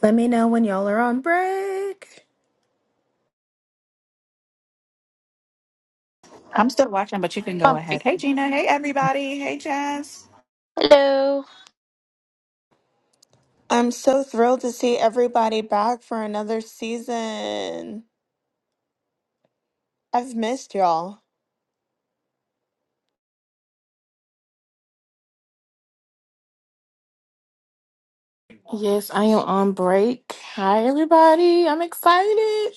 Let me know when y'all are on break. I'm still watching, but you can go ahead. Hey, Gina. Hey, everybody. Hey, Jazz. I'm so thrilled to see everybody back for another season. I've missed y'all. Yes, I am on break. Hi, everybody. I'm excited.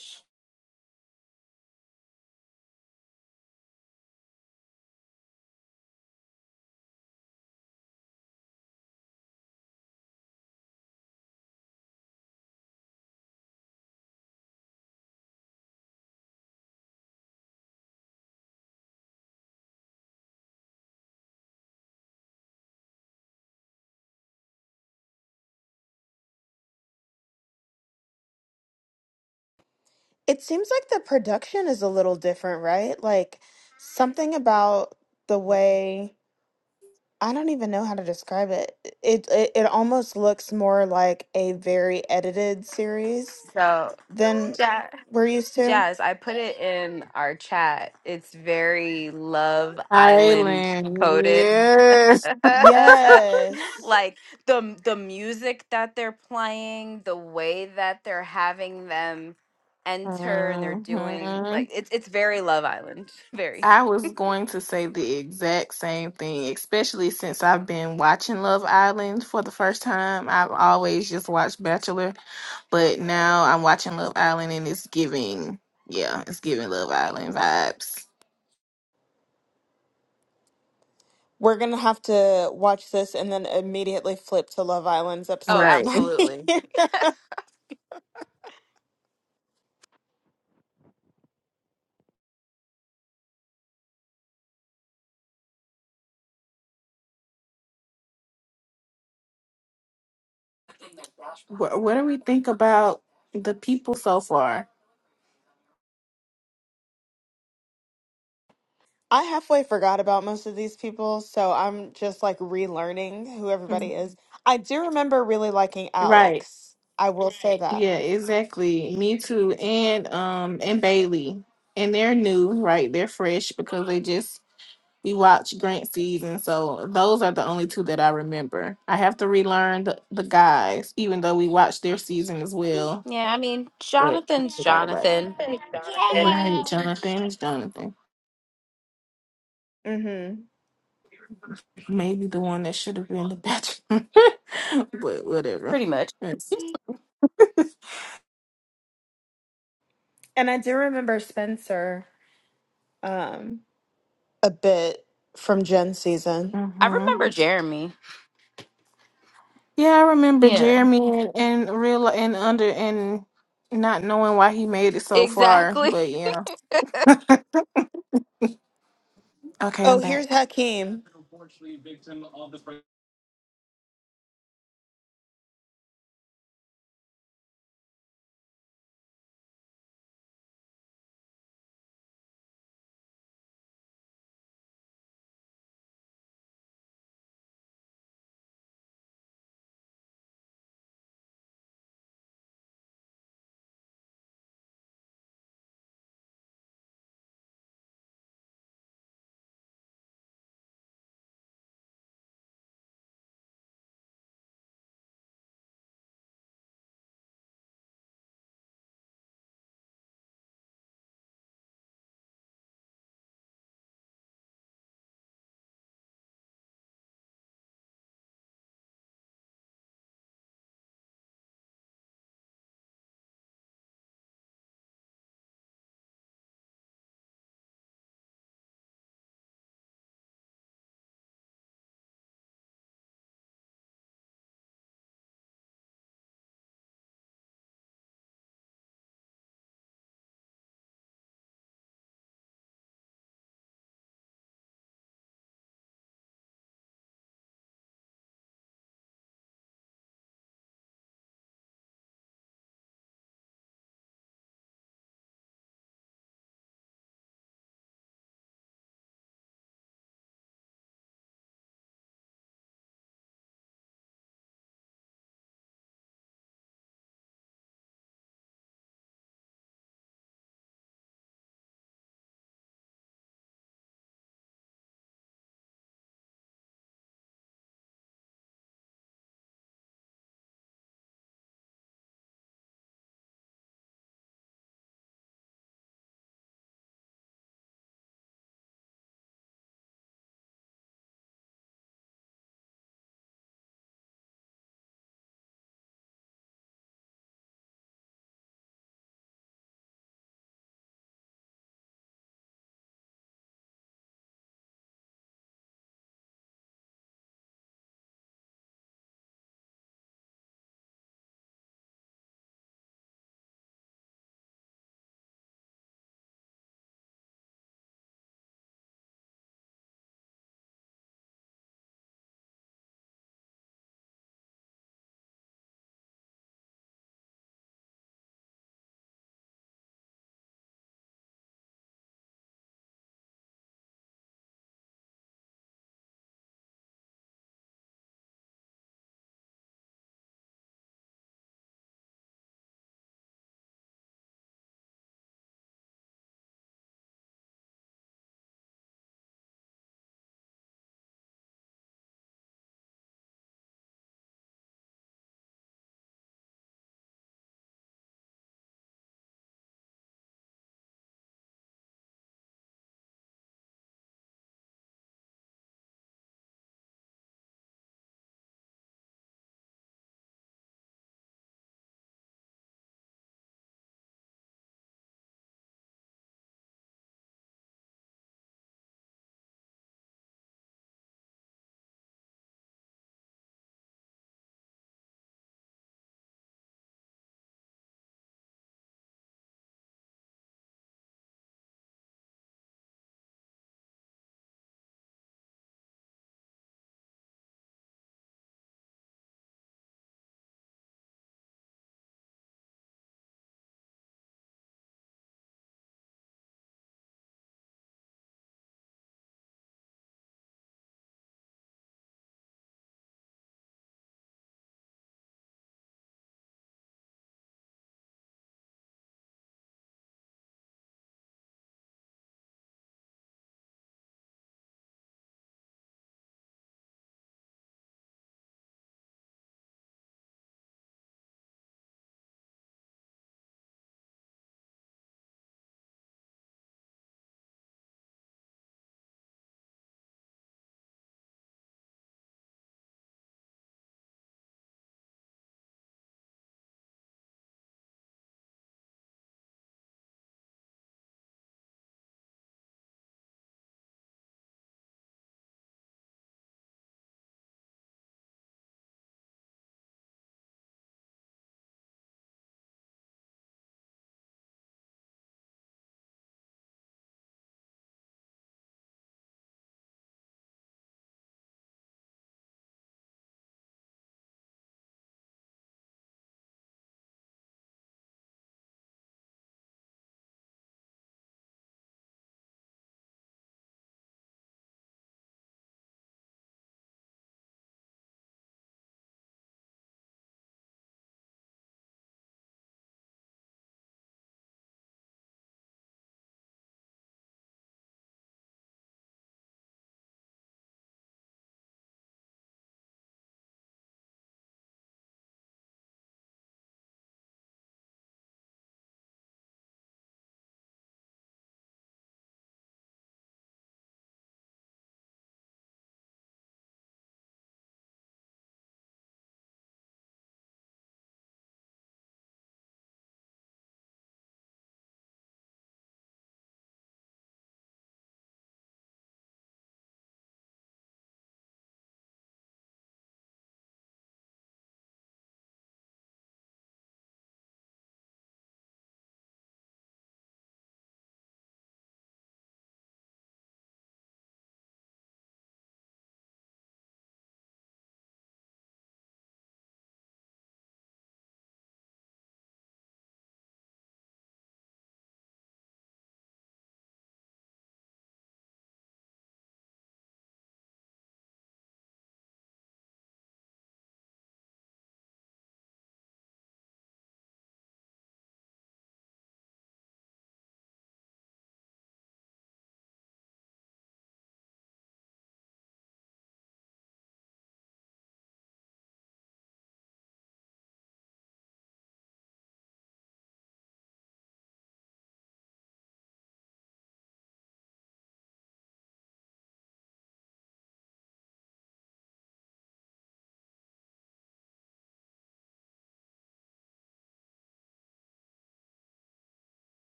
It seems like the production is a little different, right? Like something about the way I don't even know how to describe it. It it, it almost looks more like a very edited series So, than Ja- we're used to. Jazz, I put it in our chat. It's very Love Island Island, coded. yes. Yes. like the the music that they're playing, the way that they're having them enter and they're doing hmm like it's it's very Love Island. Very. I was going to say the exact same thing, especially since I've been watching Love Island for the first time. I've always just watched Bachelor, but now I'm watching Love Island and it's giving, yeah, it's giving Love Island vibes. We're gonna have to watch this and then immediately flip to Love Island's Oh, episode Right. tonight. absolutely. What, what do we think about the people so far? I halfway forgot about most of these people, so I'm just like relearning who everybody Mhm. is. I do remember really liking Right. Alex. I will say that. Yeah, exactly. Me too. And um and Bailey. And they're new, right? They're fresh because they just we watched Grant season. So those are the only two that I remember. I have to relearn the, the guys, even though we watched their season as well. Yeah, I mean, But I Jonathan's forgot about it. Jonathan, Right, Jonathan is Jonathan. Mm-hmm. Maybe the one that should have been the bachelor. but whatever. pretty much. Yes. And I do remember Spencer um a bit from Gen season. I remember Jeremy. Yeah, I remember Yeah. Jeremy and, and real and under and not knowing why he made it so far, Exactly. but yeah. Okay, I'm Oh, here's back. Hakeem.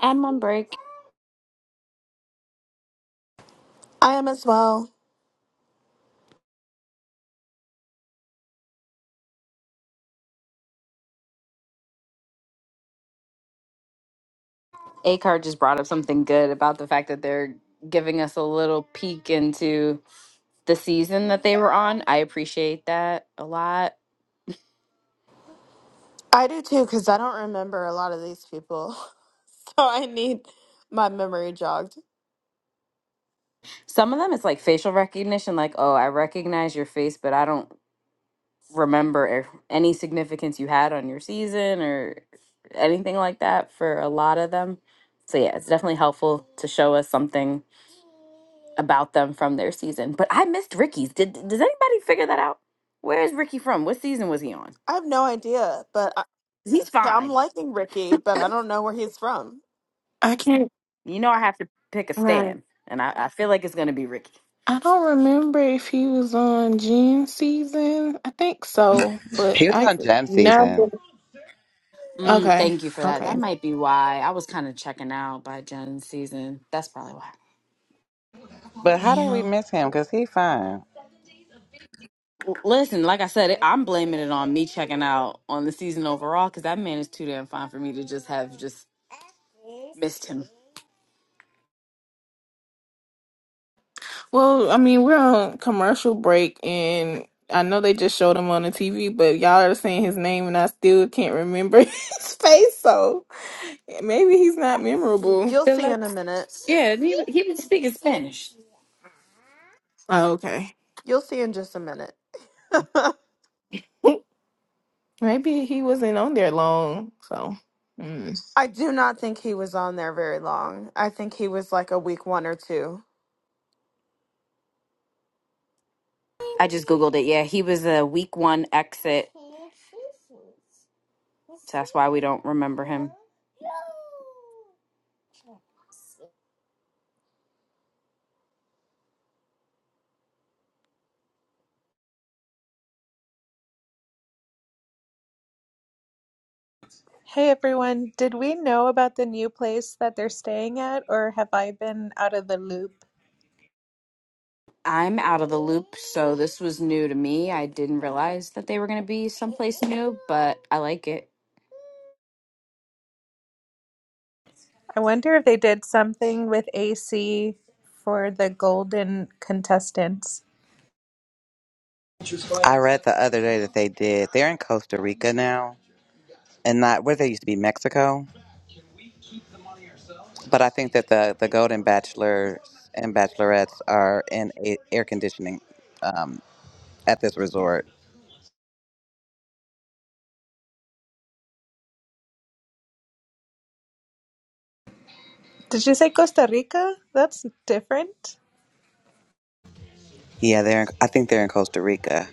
I'm on break. I am as well. Acar just brought up something good about the fact that they're giving us a little peek into the season that they were on. I appreciate that a lot. I do too, because I don't remember a lot of these people. So I need my memory jogged. Some of them it's like facial recognition, like, oh, I recognize your face, but I don't remember if any significance you had on your season or anything like that for a lot of them. So yeah, it's definitely helpful to show us something about them from their season. But I missed Ricky's. Did does anybody figure that out? Where is Ricky from? What season was he on? I have no idea, but I, 'Cause He's yeah, I'm fine. liking Ricky, but I don't know where he's from. I can't You know I have to pick a right. stand, and I, I feel like it's going to be Ricky. I don't remember if he was on Gene season. I think so, but He was I on Gem never. Season. Mm, Okay, thank you for that. okay, That might be why I was kind of checking out by Jen's season. That's probably why. But how do we yeah. miss him? Because he fine. L- Listen, like I said, it, I'm blaming it on me checking out on the season overall because that man is too damn fine for me to just have just missed him. Well, I mean, we're on commercial break, and I know they just showed him on the TV, but y'all are saying his name, and I still can't remember his face. So maybe he's not memorable. You'll They're see like, in a minute. yeah, he, he was speaking Spanish. Oh, okay. You'll see in just a minute. Maybe he wasn't on there long, so mm. I do not think he was on there very long. I think he was like a week one or two. I just googled it. Yeah, he was a week one exit. So that's why we don't remember him. Hey everyone, did we know about the new place that they're staying at, or have I been out of the loop? I'm out of the loop, so this was new to me. I didn't realize that they were going to be someplace new, but I like it. I wonder if they did something with AC for the golden contestants. I read the other day that they did. They're in Costa Rica now and not where they used to be Mexico. But I think that the, the Golden Bachelors and Bachelorettes are in a, air conditioning um, at this resort. Did you say Costa Rica? That's different. Yeah, they're. In, I think they're in Costa Rica.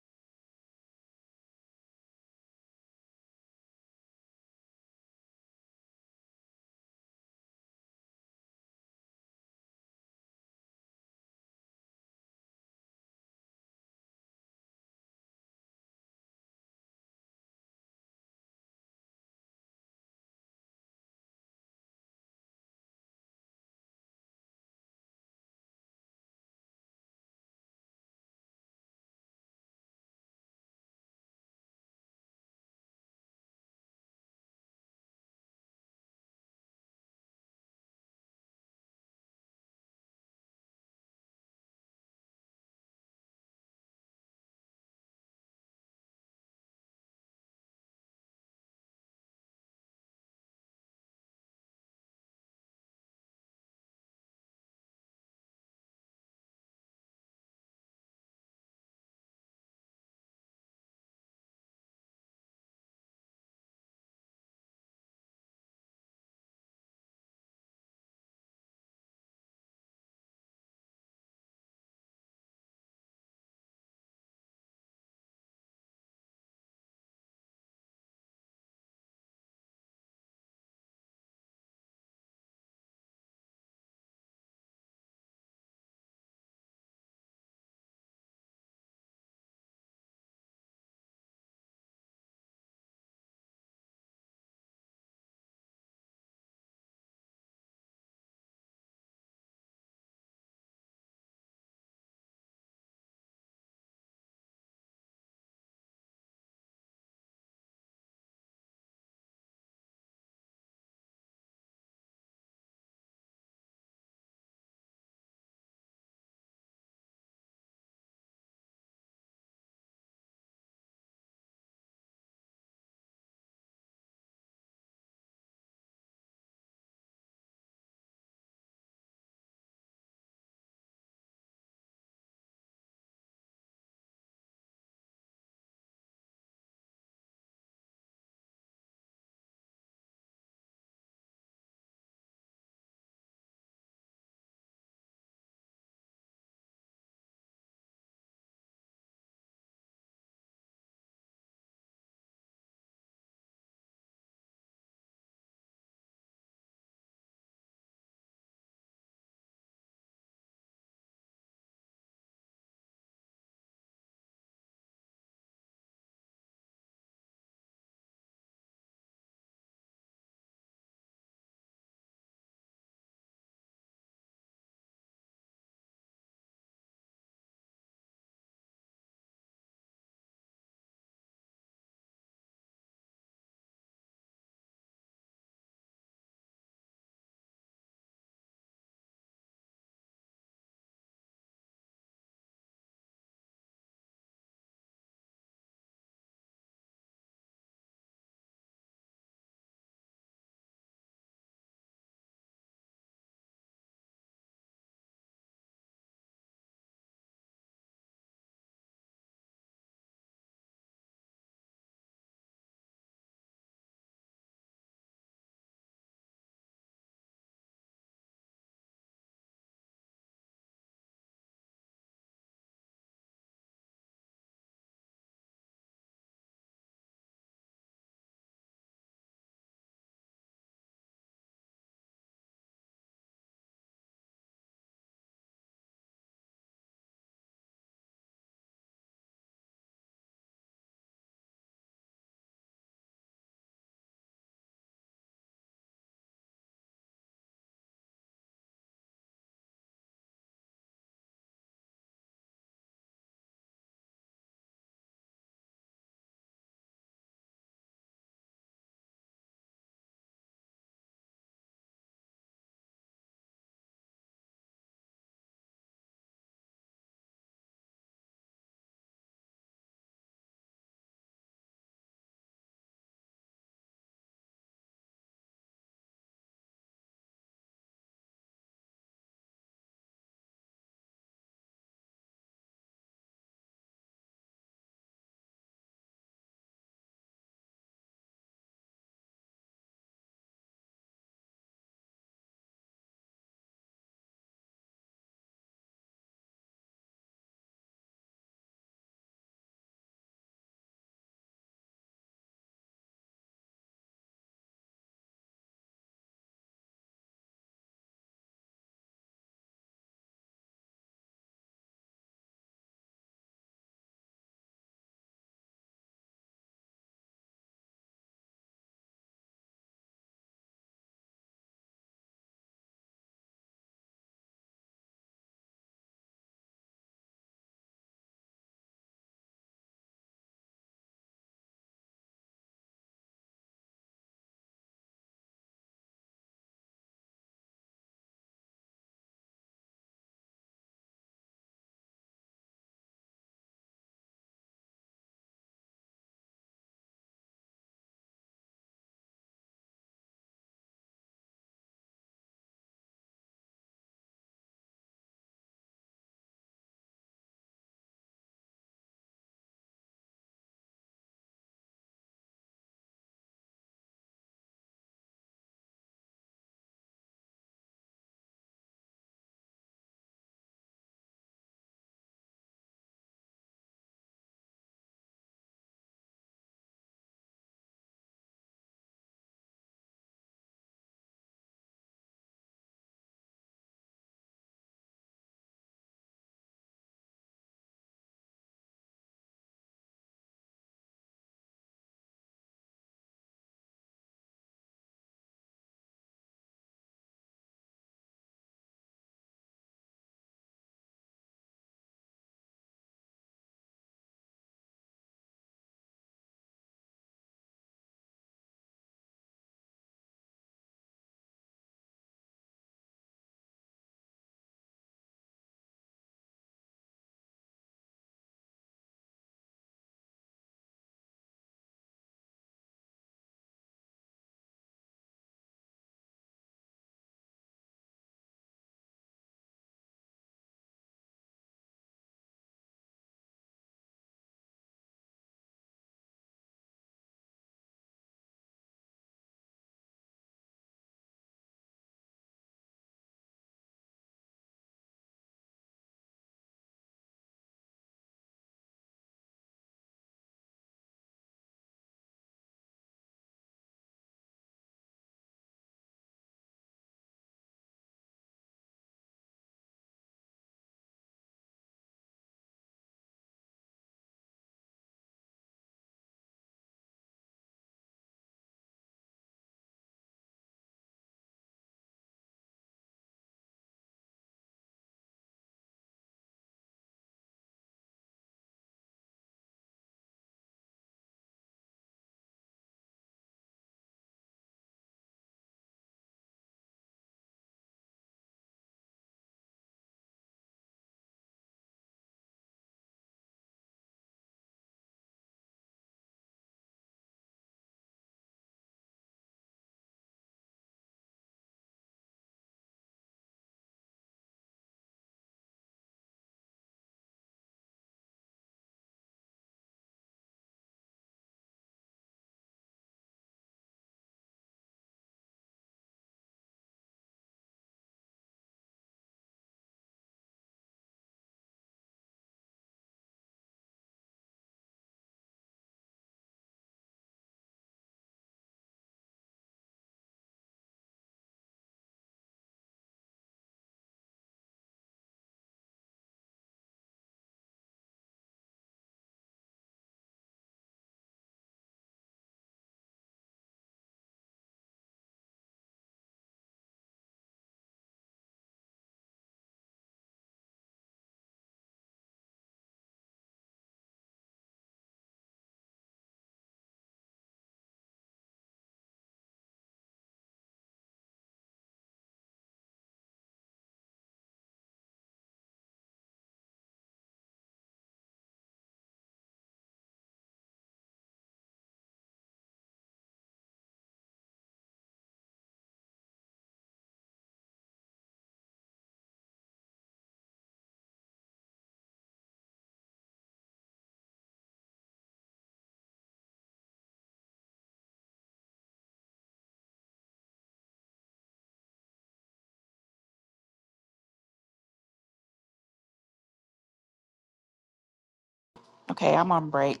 Okay, I'm on break.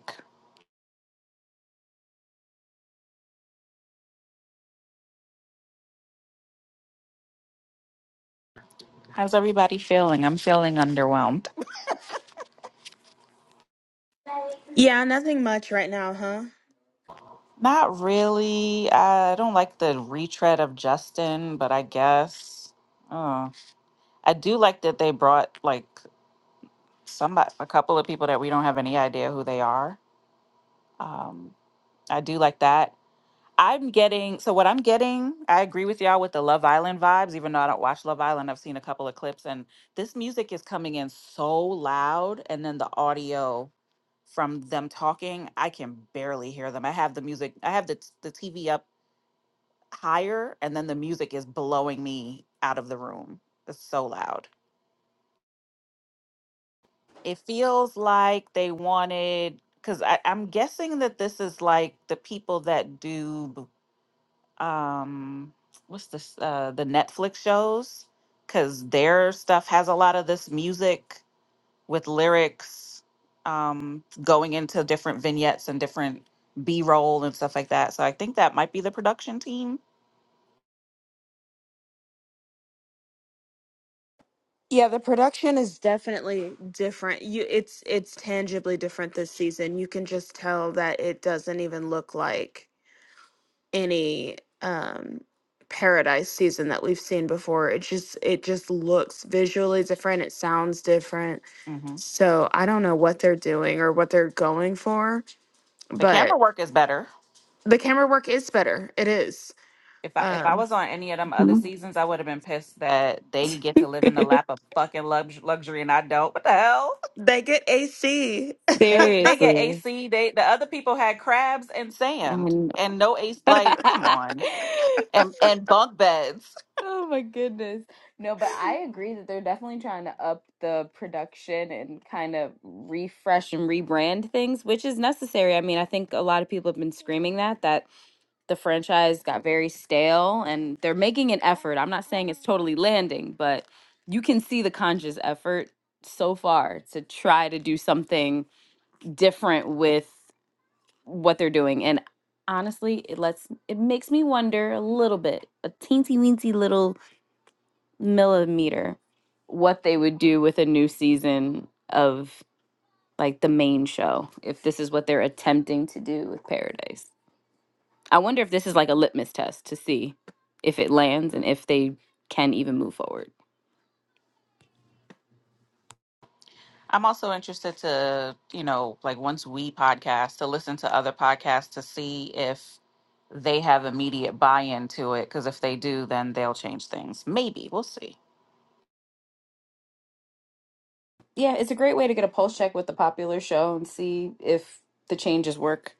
How's everybody feeling? I'm feeling underwhelmed. Yeah, nothing much right now, huh? Not really. I don't like the retread of Justin, but I guess. Oh, I do like that they brought like somebody, a couple of people that we don't have any idea who they are. Um, I do like that. I'm getting so what I'm getting, I agree with y'all with the Love Island vibes, even though I don't watch Love Island. I've seen a couple of clips and this music is coming in so loud and then the audio from them talking, I can barely hear them. I have the music, I have the t- the TV up higher and then the music is blowing me out of the room. It's so loud. It feels like they wanted because I'm guessing that this is like the people that do b- um what's this uh the Netflix shows cuz their stuff has a lot of this music with lyrics um going into different vignettes and different B-roll and stuff like that. So I think that might be the production team. Yeah, the production is definitely different. You it's it's tangibly different this season. You can just tell that it doesn't even look like any um paradise season that we've seen before. It just it just looks visually different, it sounds different. hmm So, I don't know what they're doing or what they're going for, The camera but work is better. the camera work is better. It is. If I if I Um was on any of them other Mhm. seasons, I would have been pissed that they get to live in the lap of fucking lux- luxury and I don't. What the hell? they get AC. They they get Seriously. AC. They the other people had crabs and sand And and no AC. Like, come on, and and bunk beds. oh my goodness. No, but I agree that they're definitely trying to up the production and kind of refresh and rebrand things, which is necessary. I mean, I think a lot of people have been screaming that that the franchise got very stale and they're making an effort. I'm not saying it's totally landing, but you can see the Conjures effort so far to try to do something different with what they're doing. And honestly, it lets it makes me wonder a little bit, a teensy weensy little millimeter, what they would do with a new season of like the main show, if this is what they're attempting to do with Paradise. I wonder if this is like a litmus test to see if it lands and if they can even move forward. I'm also interested to you know like once we podcast to listen to other podcasts to see if they have immediate buy in to it. Because if they do, then they'll change things. Maybe we'll see. Yeah, it's a great way to get a pulse check with the popular show and see if the changes work.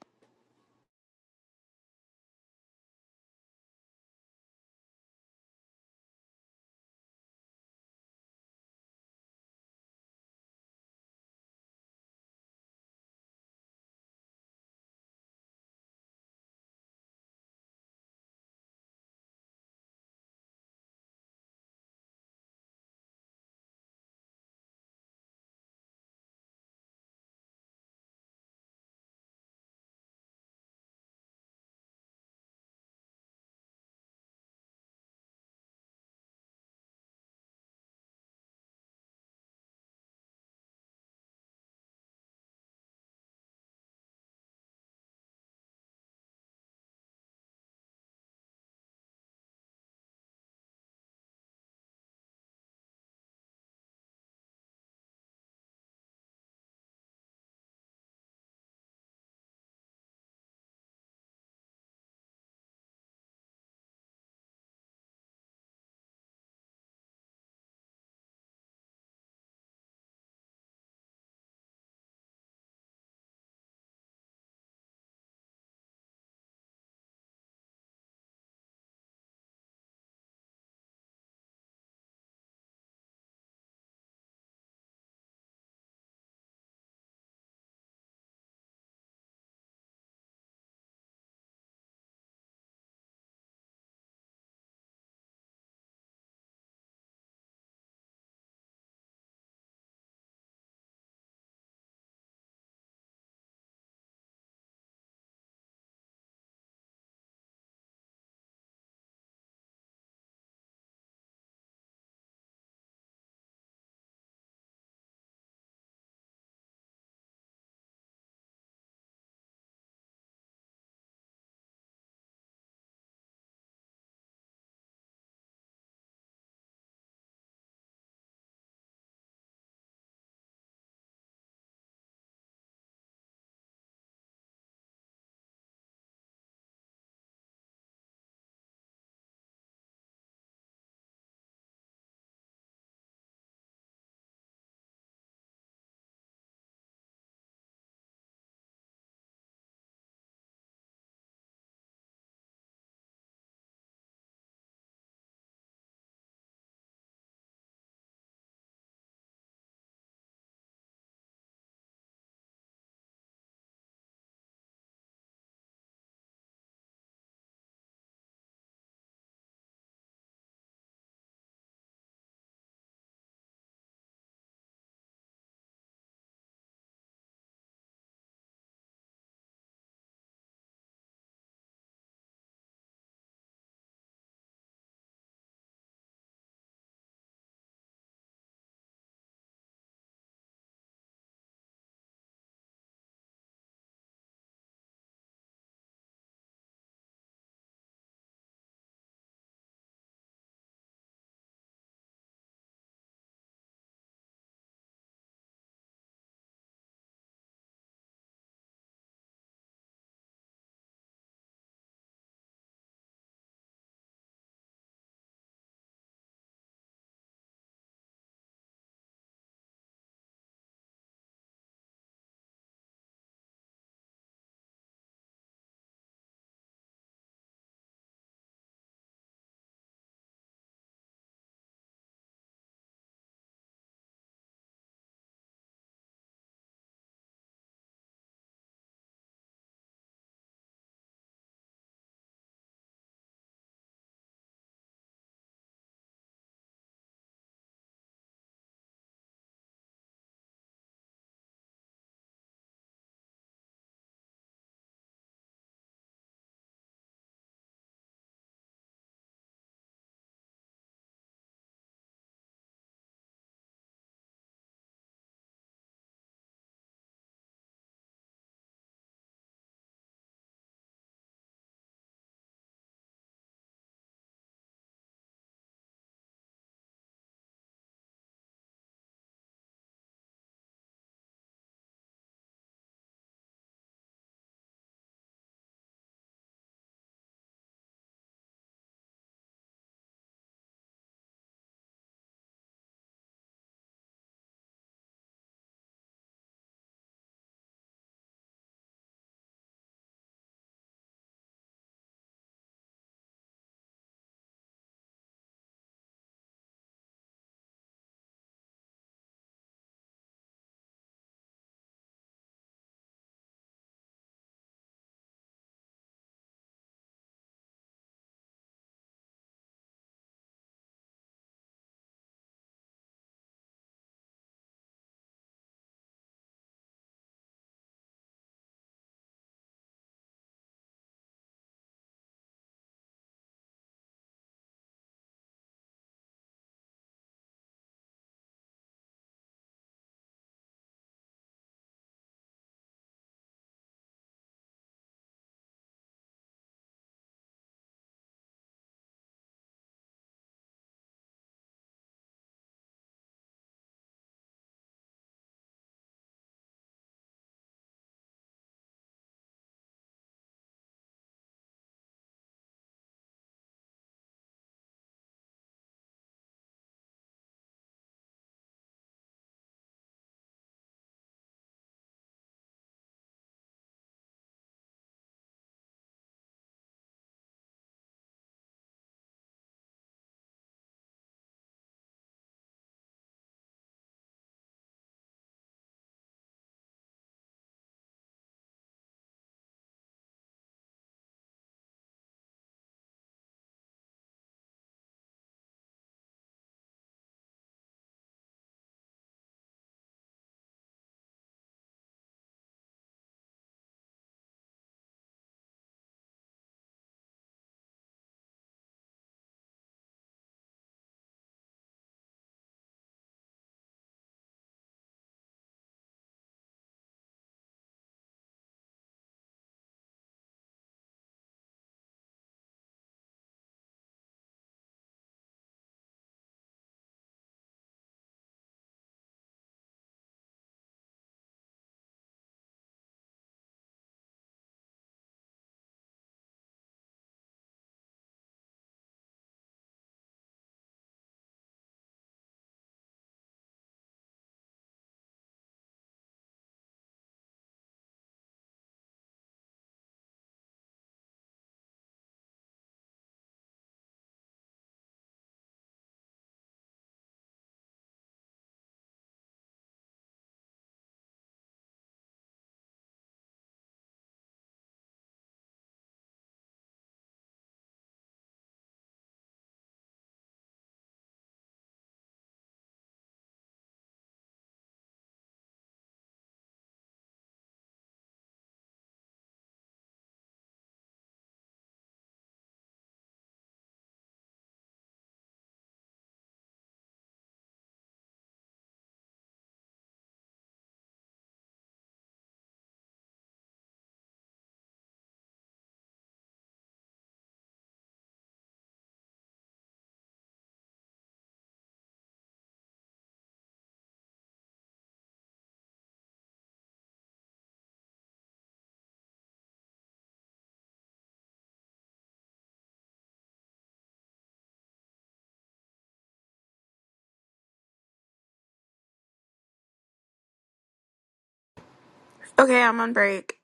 okay, I'm on break.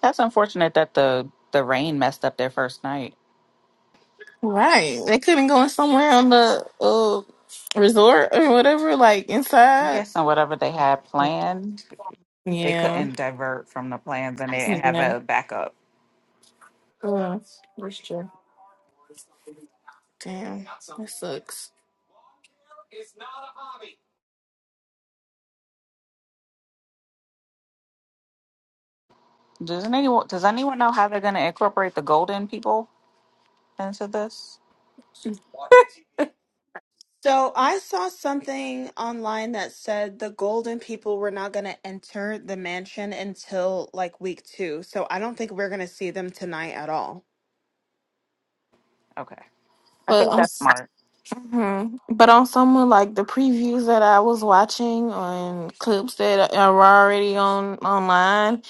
That's unfortunate that the the rain messed up their first night. right. They couldn't go in somewhere on the uh resort or whatever, like I'm inside. guessing whatever they had Yeah, planned, they yeah, couldn't divert from the plans and they didn't have a backup. yeah. That's true. Damn, that sucks. Does anyone does anyone know how they're going to incorporate the golden people into this? So I saw something online that said the golden people were not going to enter the mansion until like week two. So I don't think we're going to see them tonight at all. Okay. I But think on, that's smart. mhm. but on someone like the previews that I was watching on clips that are already on online,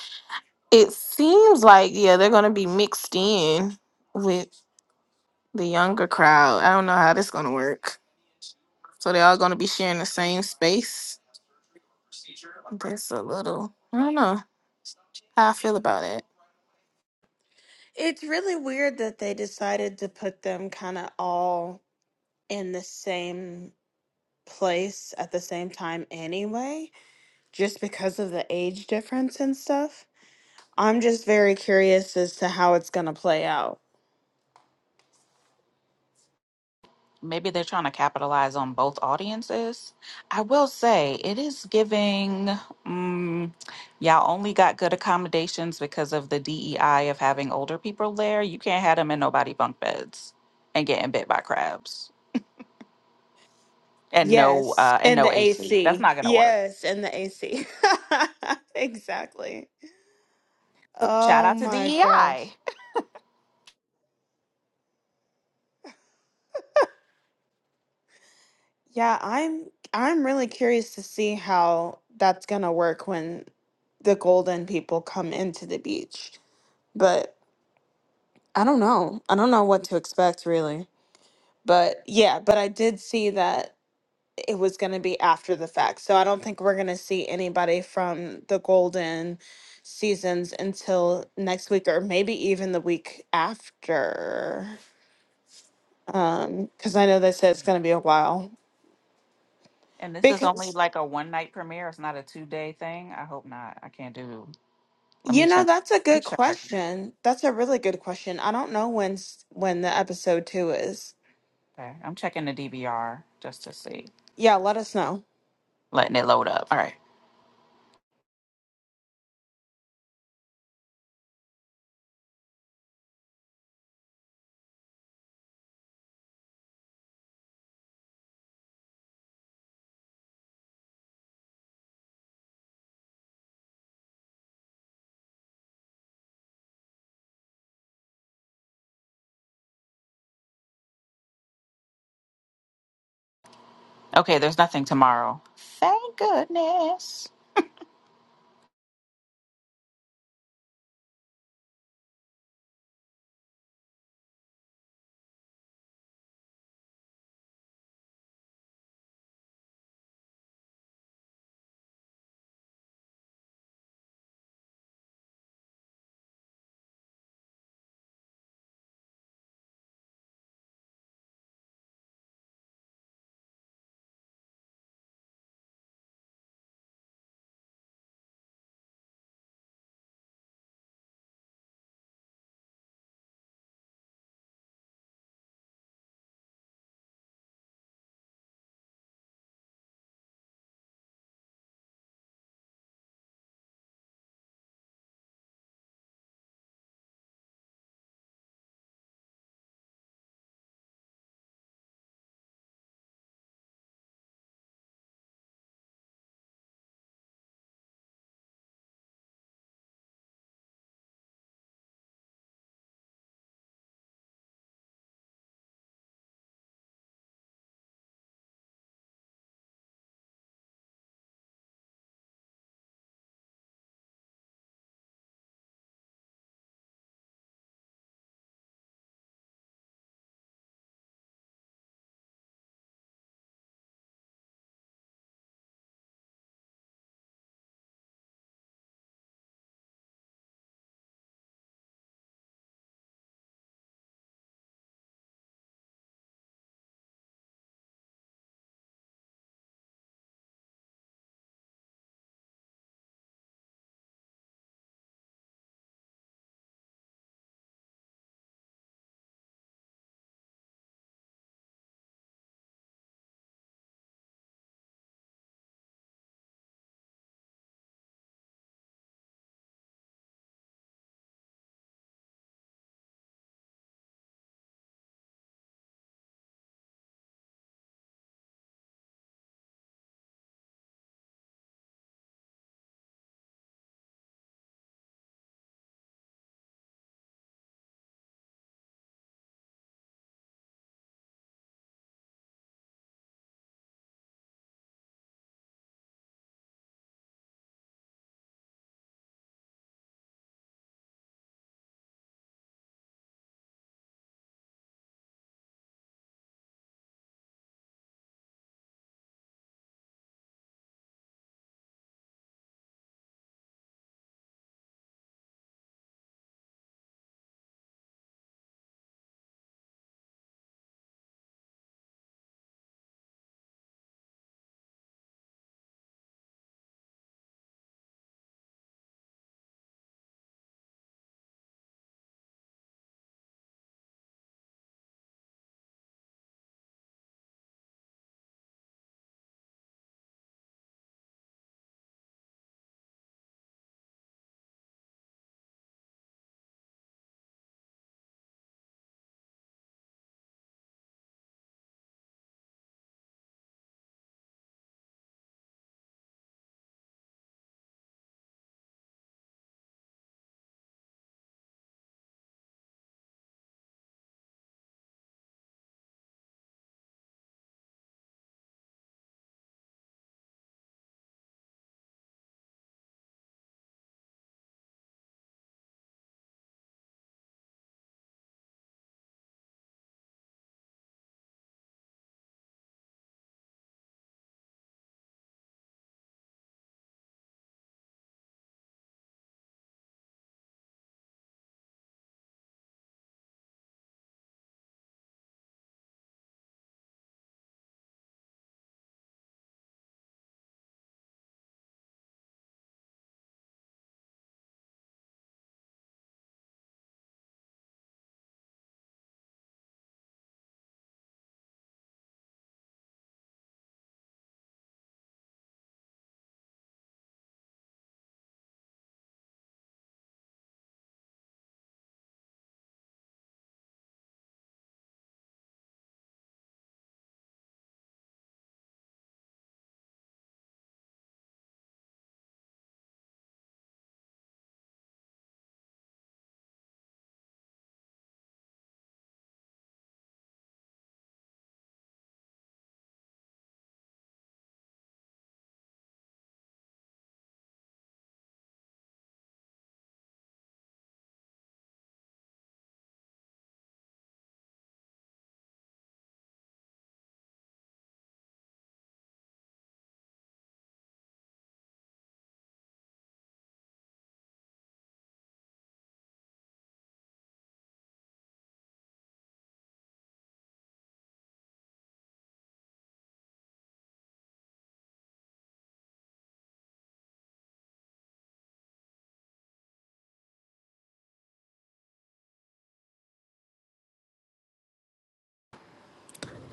it seems like yeah they're gonna be mixed in with the younger crowd. I don't know how this gonna work. So they're all gonna be sharing the same space. That's a little I don't know how I feel about it. It's really weird that they decided to put them kind of all in the same place at the same time anyway, just because of the age difference and stuff. I'm just very curious as to how it's going to play out. Maybe they're trying to capitalize on both audiences. I will say it is giving mm y'all only got good accommodations because of the DEI of having older people there. You can't have them in nobody bunk beds and getting bit by crabs and no Yes, uh and and no the AC. That's AC. not going to work. Yes, and the AC. Exactly. So shout Oh out to my gosh. DEI. Yeah, I'm I'm really curious to see how that's gonna work when the golden people come into the beach. But I don't know. I don't know what to expect really. But yeah, but I did see that it was going to be after the fact. So I don't think we're going to see anybody from the Golden seasons until next week or maybe even the week after. Um cuz I know they said it's going to be a while. And this is only Because like a one night premiere. It's not a two day thing. I hope not. I can't do. Let you me know check. that's a Let me good check. question. That's a really good question. I don't know when s- when the episode 2 is. Okay. I'm checking the DVR just to see. Yeah, let us know. Letting it load up. All right. Okay. There's nothing tomorrow. Thank goodness.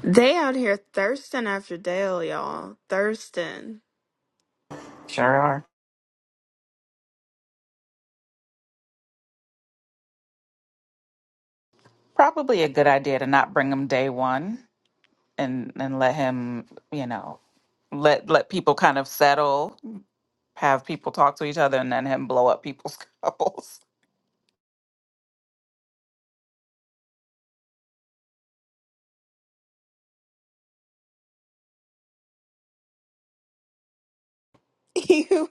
They out here thirsting after Dale, y'all. Thirsting. Sure are. Probably a good idea to not bring him day one and and let him, you know, let let people kind of settle, have people talk to each other, and then him blow up people's couples. You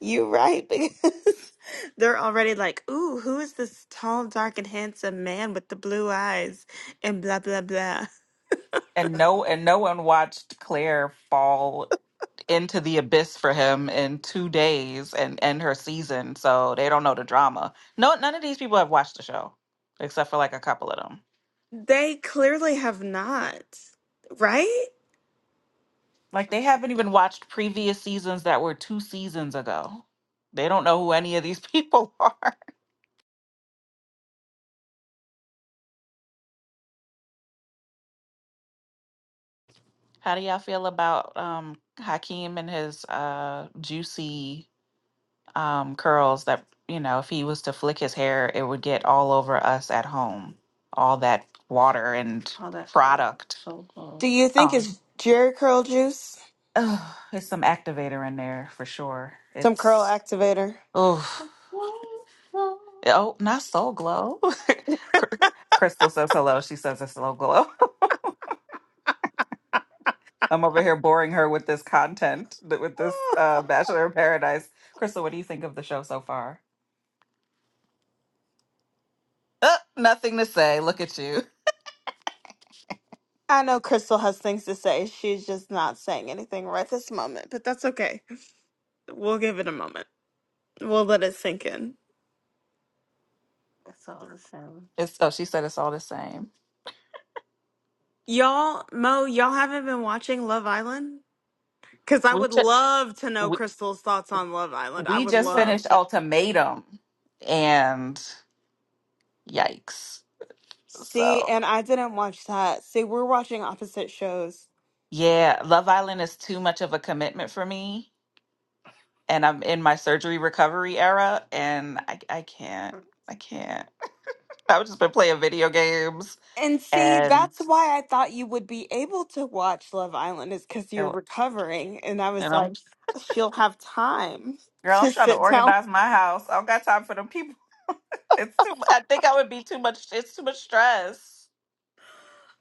you right because they're already like, "Ooh, who is this tall, dark, and handsome man with the blue eyes?" and blah blah blah. And no, and no one watched Claire fall into the abyss for him in two days and end her season. So they don't know the drama. No, none of these people have watched the show, except for like a couple of them. They clearly have not, right? Like they haven't even watched previous seasons that were two seasons ago. They don't know who any of these people are. How do y'all feel about um Hakeem and his uh juicy um curls that you know, if he was to flick his hair, it would get all over us at home. All that water and Oh, that product. so cool. Do you think Oh. it's Jerry curl juice? Oh, it's some activator in there for sure. Some curl It's activator? oh oh, not soul glow. Cr- Crystal says hello. She says it's soul glow. I'm over here boring her with this content, th- with this uh, Bachelor in Paradise. Crystal, what do you think of the show so far? Uh, nothing to say. Look at you. I know Crystal has things to say. She's just not saying anything right this moment, but that's okay. We'll give it a moment. We'll let it sink in. It's oh, she said it's all the same. Y'all, Mo, y'all haven't been watching Love Island? Because I would love to know We, Crystal's thoughts on Love Island. I we would just love. finished Ultimatum, and yikes. See, So. and I didn't watch that. See, we're watching opposite shows. Yeah, Love Island is too much of a commitment for me, and I'm in my surgery recovery era, and I I can't, I can't. I've just been playing video games, And see, and that's why I thought you would be able to watch Love Island is because you're and recovering. And I was and I'm like, she'll have time girl, to I'm trying to sit down. organize my house. I don't got time for them people. It's too. I think I would be too much. It's too much stress,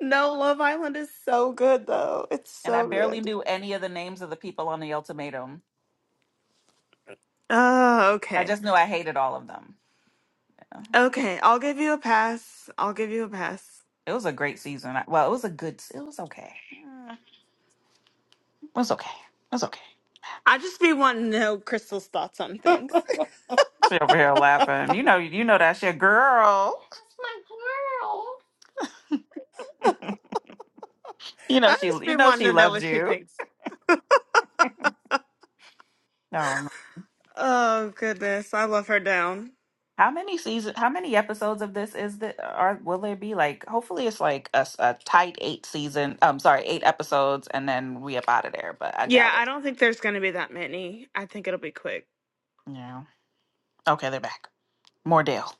No, Love Island is so good, though. It's and I so barely good. knew any of the names of the people on the ultimatum. Oh, I okay. just knew I hated all of them. Yeah. Okay, I'll give you a pass. I'll give you a pass. It was a great season. I- Well, it was a good. It was okay. Mm, It was okay. It was okay. I just be wanting to know Crystal's thoughts on things. She over here laughing. You know, you know that's your girl. You know I she, just you been know wanting she to know loves what she you. thinks. Um, Oh goodness, I love her down. how many season? How many episodes of this is that? Are will there be like? Hopefully, it's like a, s- a tight eight season. I'm sorry, eight episodes, and then we up out of there. But I Yeah, doubt I it. don't think there's gonna be that many. I think it'll be quick. Yeah. Okay, they're back. More deal.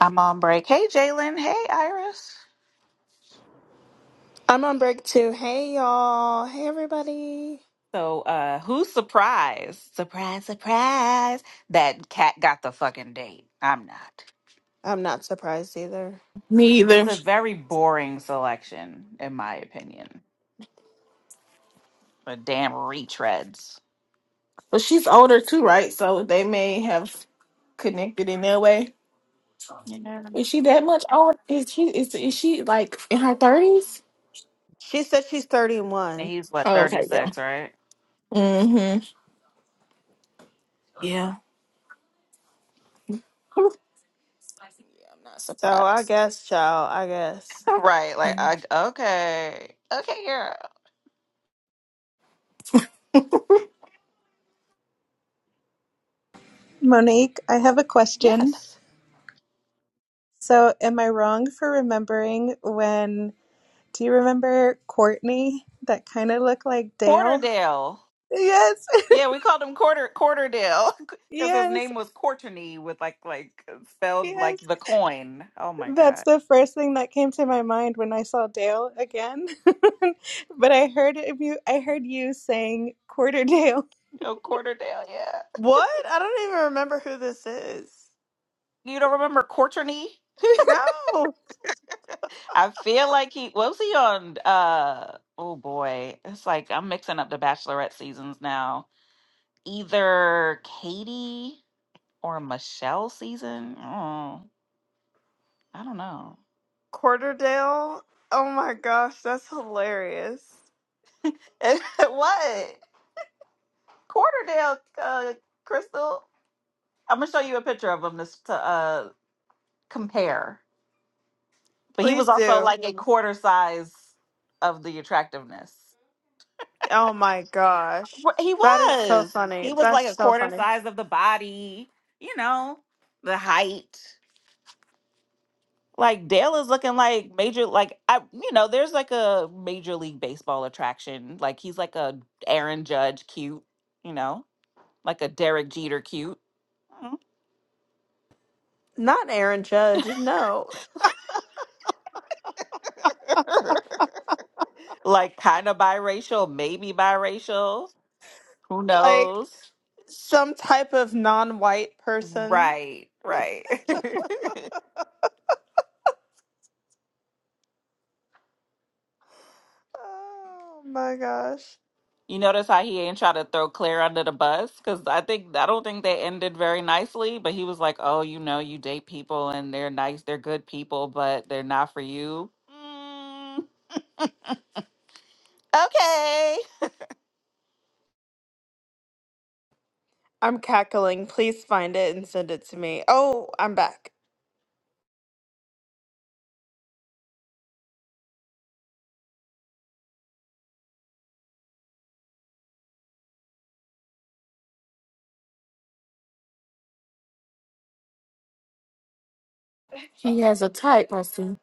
I'm on break. Hey, Jalen. Hey, Iris. I'm on break too. Hey y'all. Hey everybody. So, uh, who's surprised? Surprise, surprise. That cat got the fucking date. I'm not. I'm not surprised either. Me It's either. a very boring selection, in my opinion. The damn retreads. But she's older too, right? So they may have connected in their way. You know, Is she that much older? Is she is is she like in her thirties? She said she's and 31. he's what Oh, thirty okay, yeah. six, right? Mm-hmm. Yeah. yeah, I'm not So I surprised. guess, child, I guess. right. Like, Um, I, okay, okay, girl. Monique, I have a question. Yes, So, am I wrong for remembering when, do you remember Courtney that kind of looked like Dale? Quarterdale. Yes, Yeah, we called him Quarter Quarterdale because his yes, name was Courtney with like like spelled yes. like the coin. Oh my That's god. the first thing that came to my mind when I saw Dale again. But I heard of you I heard you saying Quarterdale Oh, Quarterdale. Yeah. What? I don't even remember who this is. You don't remember Courtney? No. I feel like he what was he on uh oh boy. It's like I'm mixing up the Bachelorette seasons now. Either Katie or Michelle season. Oh, I don't know. Quarterdale. Oh my gosh, that's hilarious. what? Quarterdale uh Crystal. I'm gonna show you a picture of him this to uh compare. But he was Please also do. like a quarter size of the attractiveness. Oh my gosh. Wh- He That is so was. funny. He was like That's a so quarter funny. size of the body, you know, the height. Like Dale is looking like major like I you know, there's like a major league baseball attraction. Like he's like a Aaron Judge cute, you know, like a Derek Jeter cute. Not Aaron Judge, no. Mm. Like kind of biracial, maybe biracial. Who Like knows? some type of non white person. Right, right. Oh my gosh. You notice how he ain't try to throw Claire under the bus? Because I think I don't think they ended very nicely, but he was like, Oh, you know, you date people and they're nice, they're good people, but they're not for you. Mm, okay. I'm cackling. Please find it and send it to me. Oh, I'm back. She has a type, I see.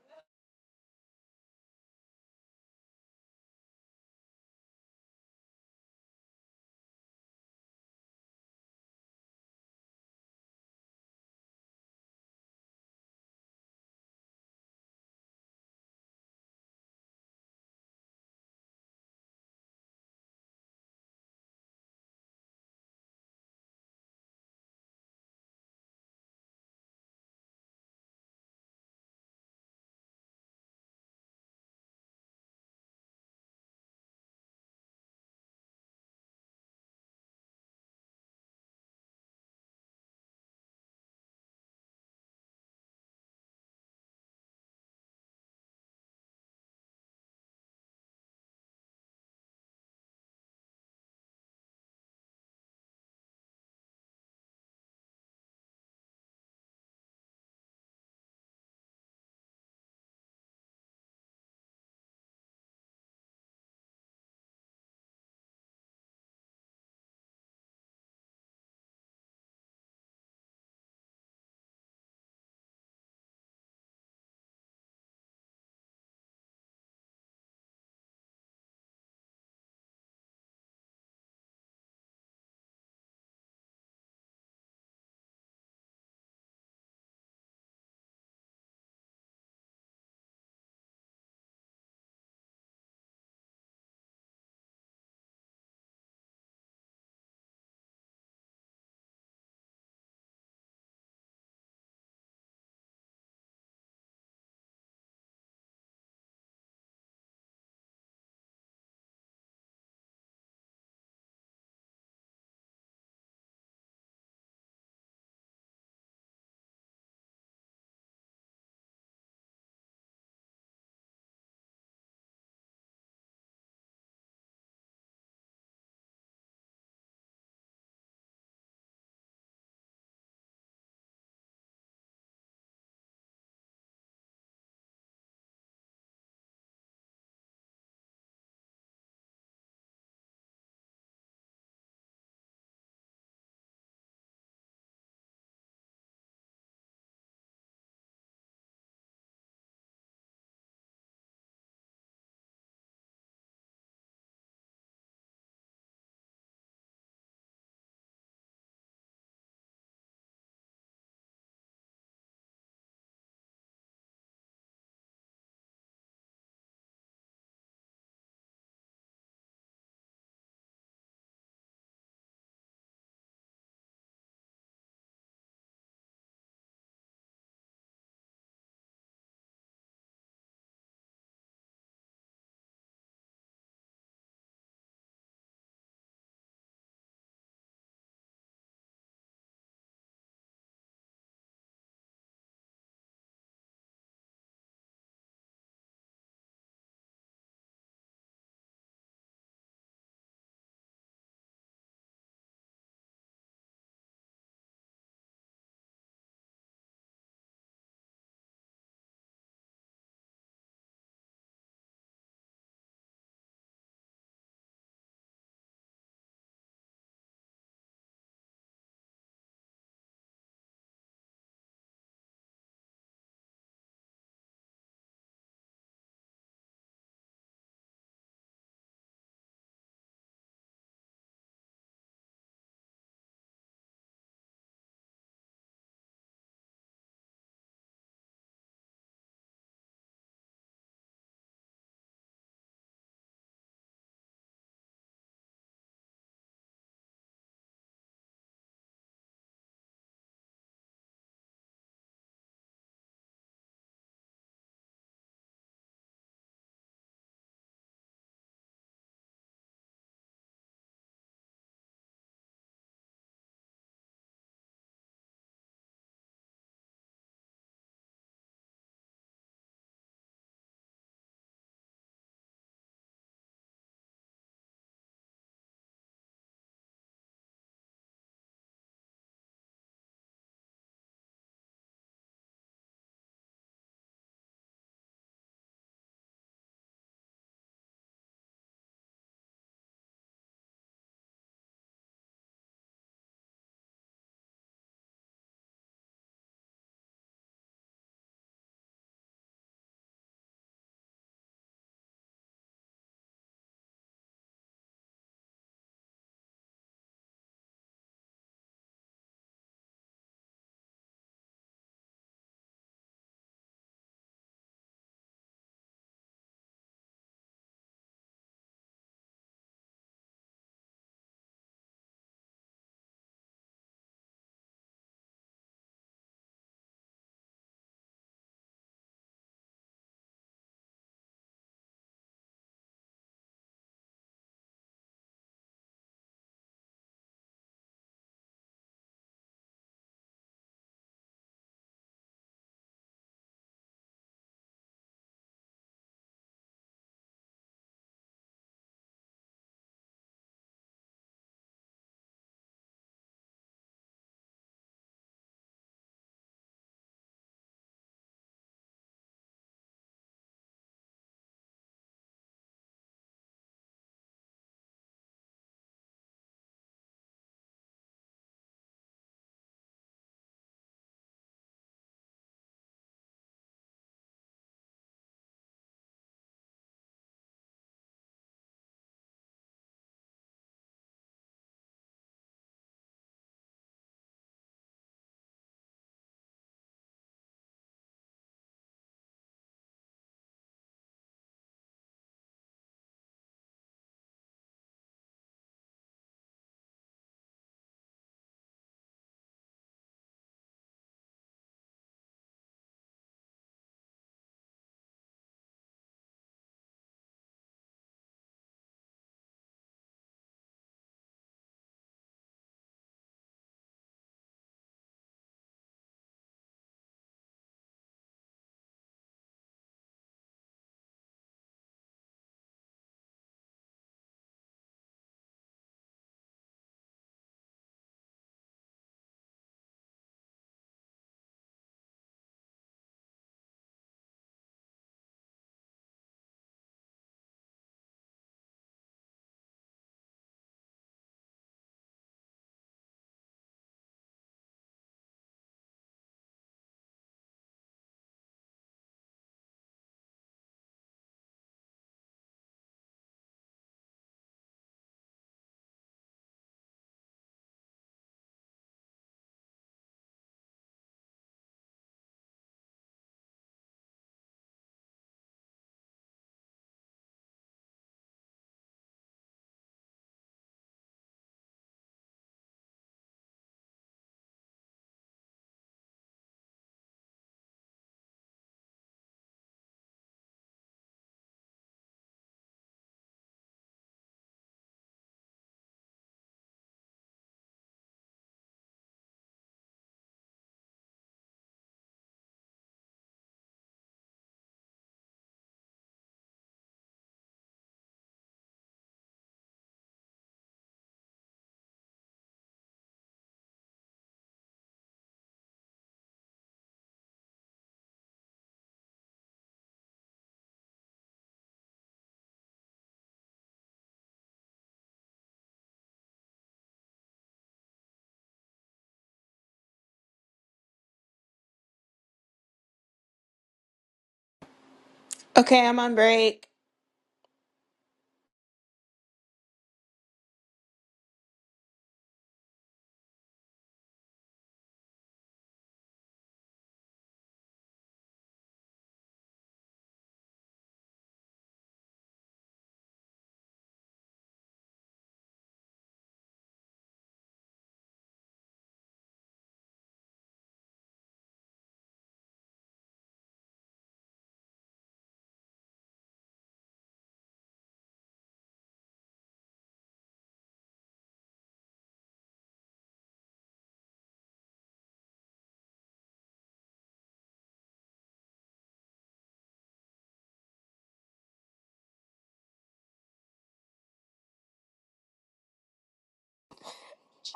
Okay, I'm on break.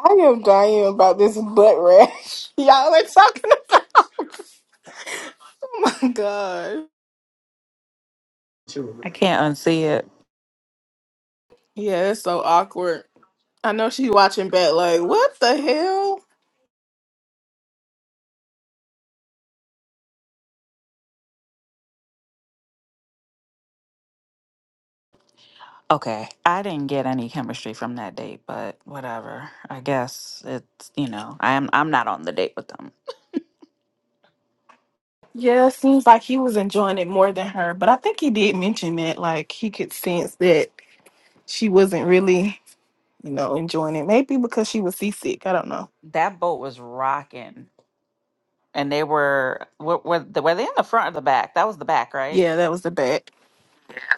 I am dying about this butt rash. Y'all are talking about. Oh my god. I can't unsee Yeah, it's so awkward. I know she watching back like, what the hell? Okay, I didn't get any chemistry from that date, but whatever. I guess it's, you know, I'm I'm not on the date with them. Yeah, it seems like he was enjoying it more than her. But I think he did mention that, like he could sense that she wasn't really, you know, enjoying it. Maybe because she was seasick. I don't know. That boat was rocking, and they were were were, they- were they in the front or the back? That was the back, right? Yeah, that was the bet.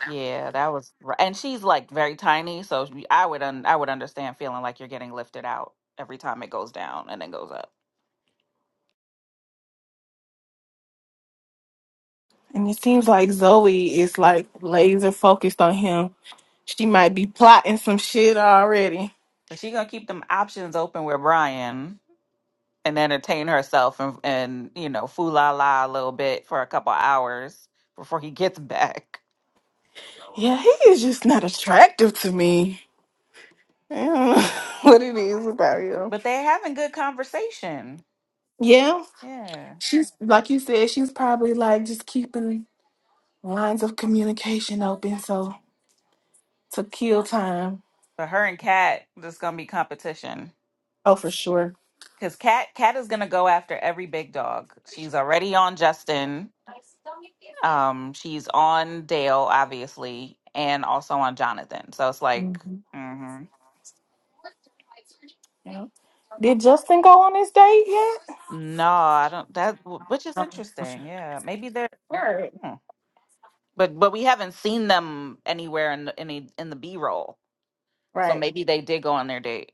Yeah, that was r And she's like very tiny, so she- I would un I would understand feeling like you're getting lifted out every time it goes down and then goes up. And it seems like Zoe is like laser focused on him. She might be plotting some shit already. But she gonna keep them options open with Brian and entertain herself and and you know, fool la la a little bit for a couple hours before he gets back. Yeah, he is just not attractive to me. I don't know what it is about him. But they're having good conversation. Yeah, Yeah. she's like you said. She's probably like just keeping. lines of communication open, so to kill time. But her and Kat, there's gonna be competition. Oh, for sure. Because Cat Cat is gonna go after every big dog. She's already on Justin. Um, she's on Dale, obviously, and also on Jonathan. So it's like, hmm Yeah. Did Justin go on his date yet? no, I don't. That which is interesting. Yeah, maybe they're, Right. hmm. but but we haven't seen them anywhere in the, any in the B roll. So Right. maybe they did go on their date.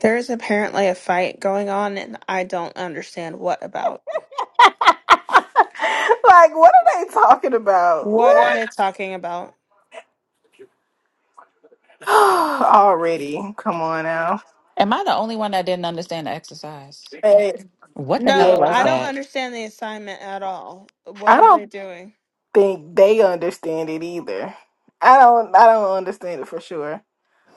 There is apparently a fight going on and I don't understand what about. like, what are they talking about? What are What? they talking about? Already. Come on now. Am I the only one that didn't understand the exercise? Hey, What the hell No, was I yeah. don't that? understand the assignment at all. I What are don't they doing? think they understand it either. I don't I don't understand it for sure.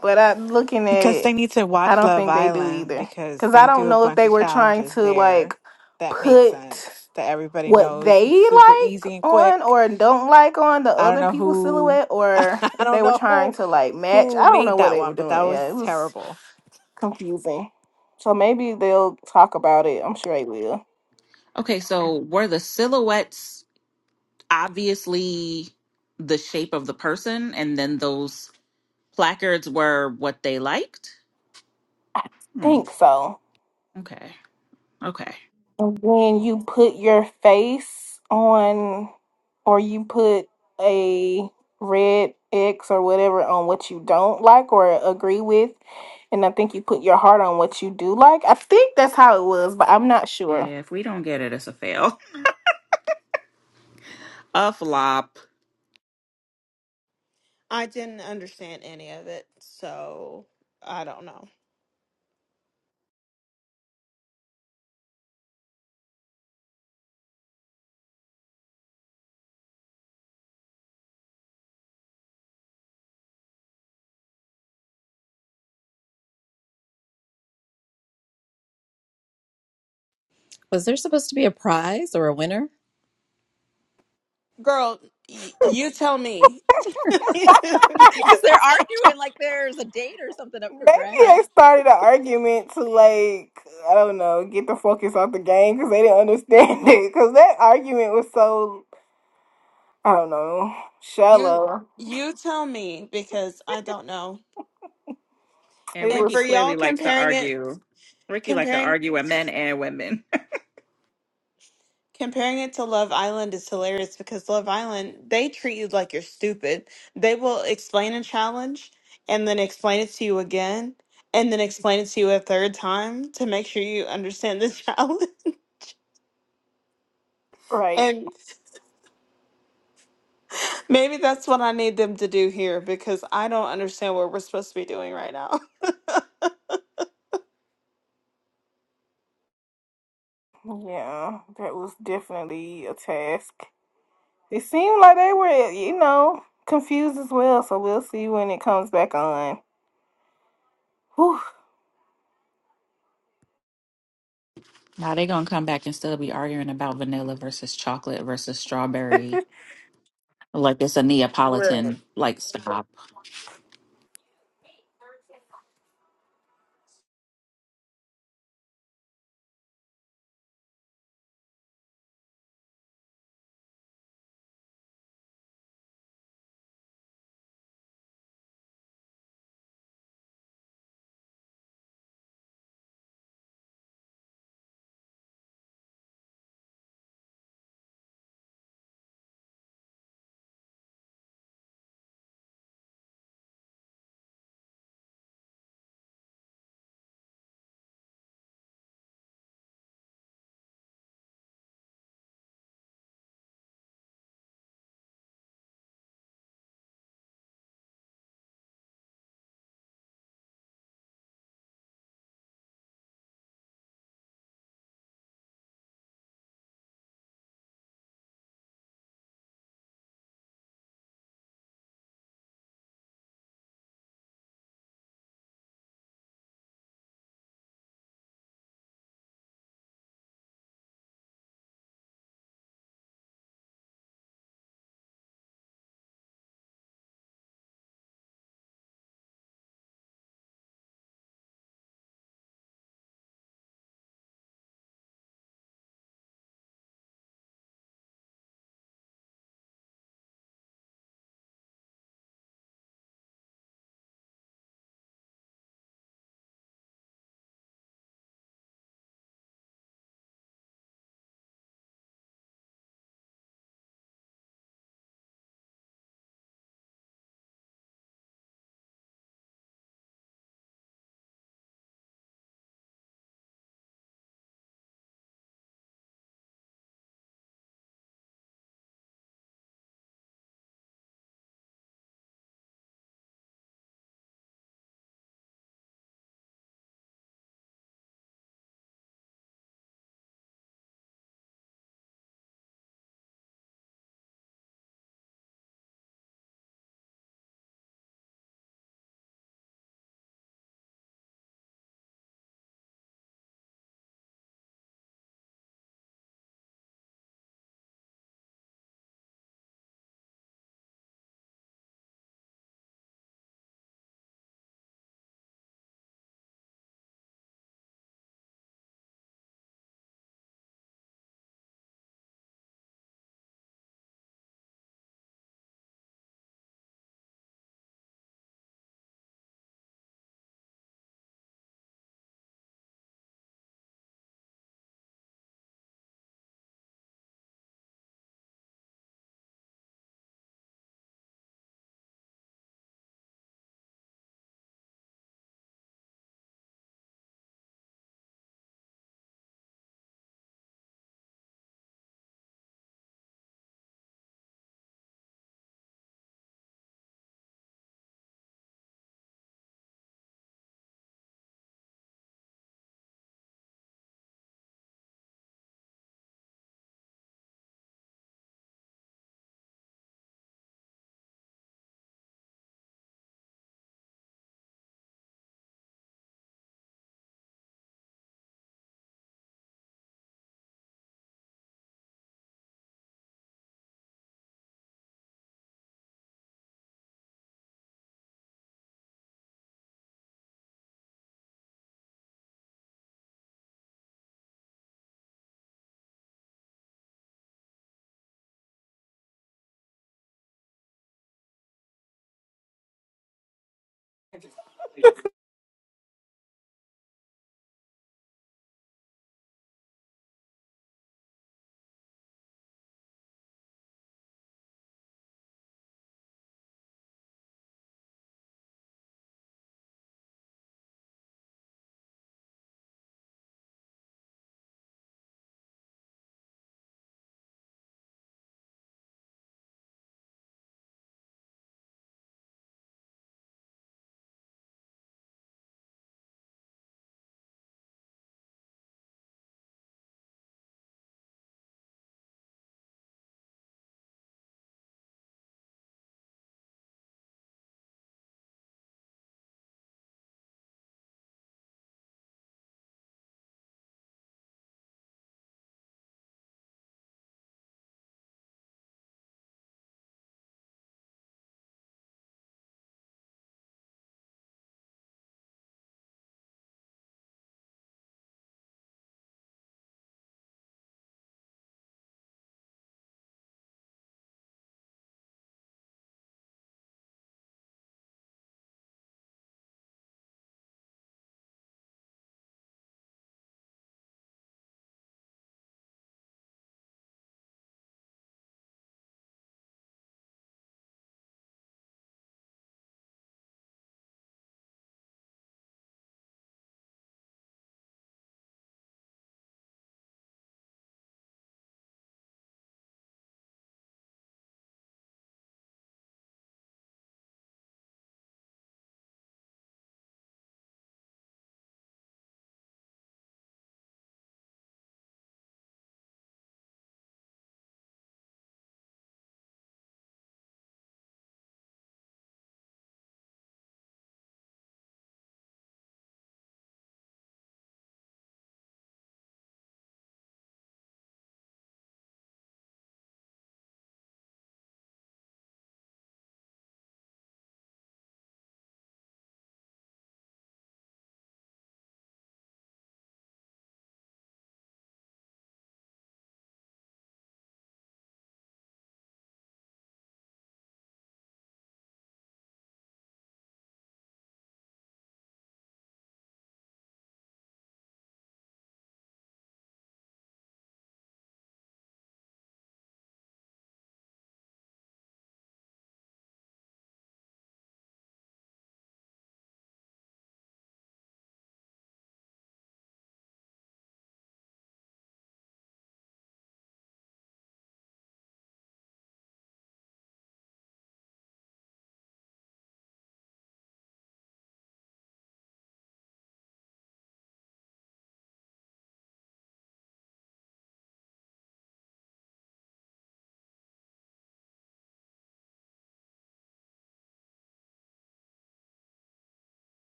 But I looking at Because it, they need to I watch don't Love think they do Island either. because Cause I they don't do a know if bunch they of were trying challenges to there. like That makes put sense. That everybody what knows they it's super like easy and on quick. or don't like on the I don't other know people's who silhouette or I if don't they were know trying who to like match. who I don't know made what that they were one, but doing. that was Yeah, it was terrible. confusing. So maybe they'll talk about it. I'm sure they will. Okay, so were the silhouettes? obviously the shape of the person, and then those placards were what they liked. Hmm. Think so. Okay. Okay. And then you put your face on or you put a red X or whatever on what you don't like or agree with. And I think you put your heart on what you do like. I think that's how it was, but I'm not sure. Yeah, if we don't get it, it's a fail. A flop. I didn't understand any of it, so I don't know. Was there supposed to be a prize or a winner? Girl, y- you tell me. Because they're arguing like there's a date or something up Maybe for they grabs. started an argument to like I don't know get the focus off the game because they didn't understand it because that argument was so I don't know you shallow. you tell me because I don't know. And It And Ricky for was clearly y'all likes to comparing it argue. Ricky likes to comparing argue with men and women. comparing it to Love Island is hilarious because Love Island, they treat you like you're stupid. They will explain a challenge and then explain it to you again and then explain it to you a third time to make sure you understand the challenge. right, and Maybe that's what I need them to do here because I don't understand what we're supposed to be doing right now. yeah. That was definitely a task. It seemed like they were you know confused as well. So we'll see when it comes back on. Whew. now they're gonna come back and still be arguing about vanilla versus chocolate versus strawberry. Like it's a Right. Neapolitan. Like stop.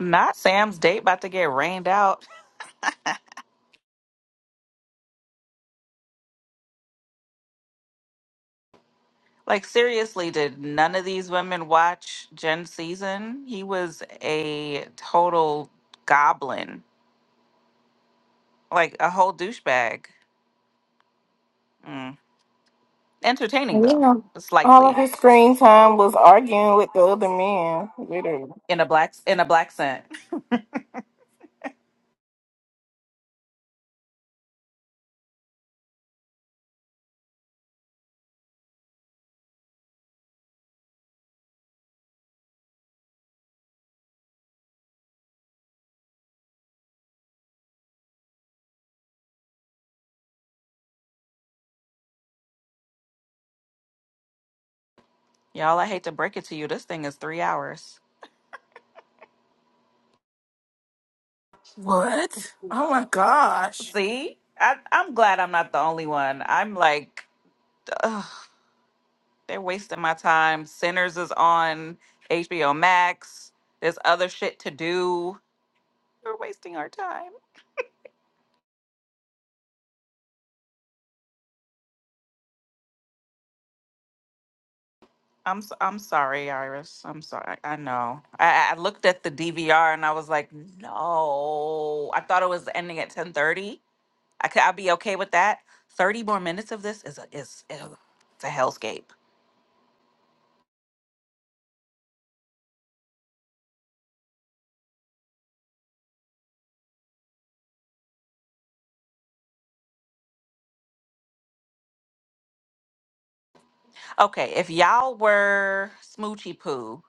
Not Sam's date about to get rained out. Like seriously, did none of these women watch Gen Season? He was a total goblin, like a whole douchebag. Mm. Entertaining And, though, all of slightly his screen time was arguing with the other men. Literally. in a black in a black scent. Y'all, I hate to break it to you, this thing is three hours. What? Oh my gosh. See, I, I'm glad I'm not the only one. I'm like, ugh, they're wasting my time. Sinners is on HBO Max. There's other shit to do. We're wasting our time. I'm s- I'm sorry, Iris. I'm sorry. I know. I, I I looked at the DVR and I was like, no. I thought it was ending at ten thirty. I could. I'd be okay with that. Thirty more minutes of this is a is ugh, it's a hellscape. Okay, if y'all were smoochy poo,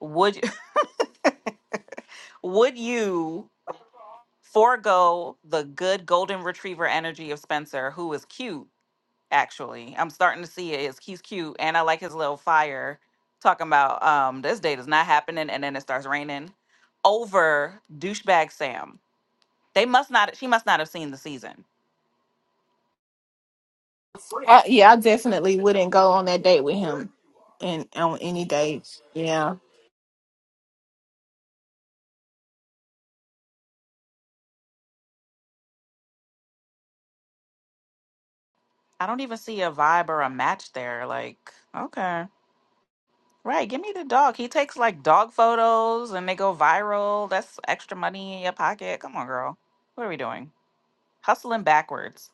would y- would you forego the good golden retriever energy of Spencer, who is cute? actually. I'm starting to see it. It's, he's cute and I like his little fire talking about um this date is not happening and then it starts raining over douchebag Sam. They must not she must not have seen the season. I, yeah, I definitely wouldn't go on that date with him, and on any dates. Yeah. I don't even see a vibe or a match there. Like, okay. Right, give me the dog. He takes like dog photos and they go viral. That's extra money in your pocket. Come on, girl. What are we doing? Hustling backwards.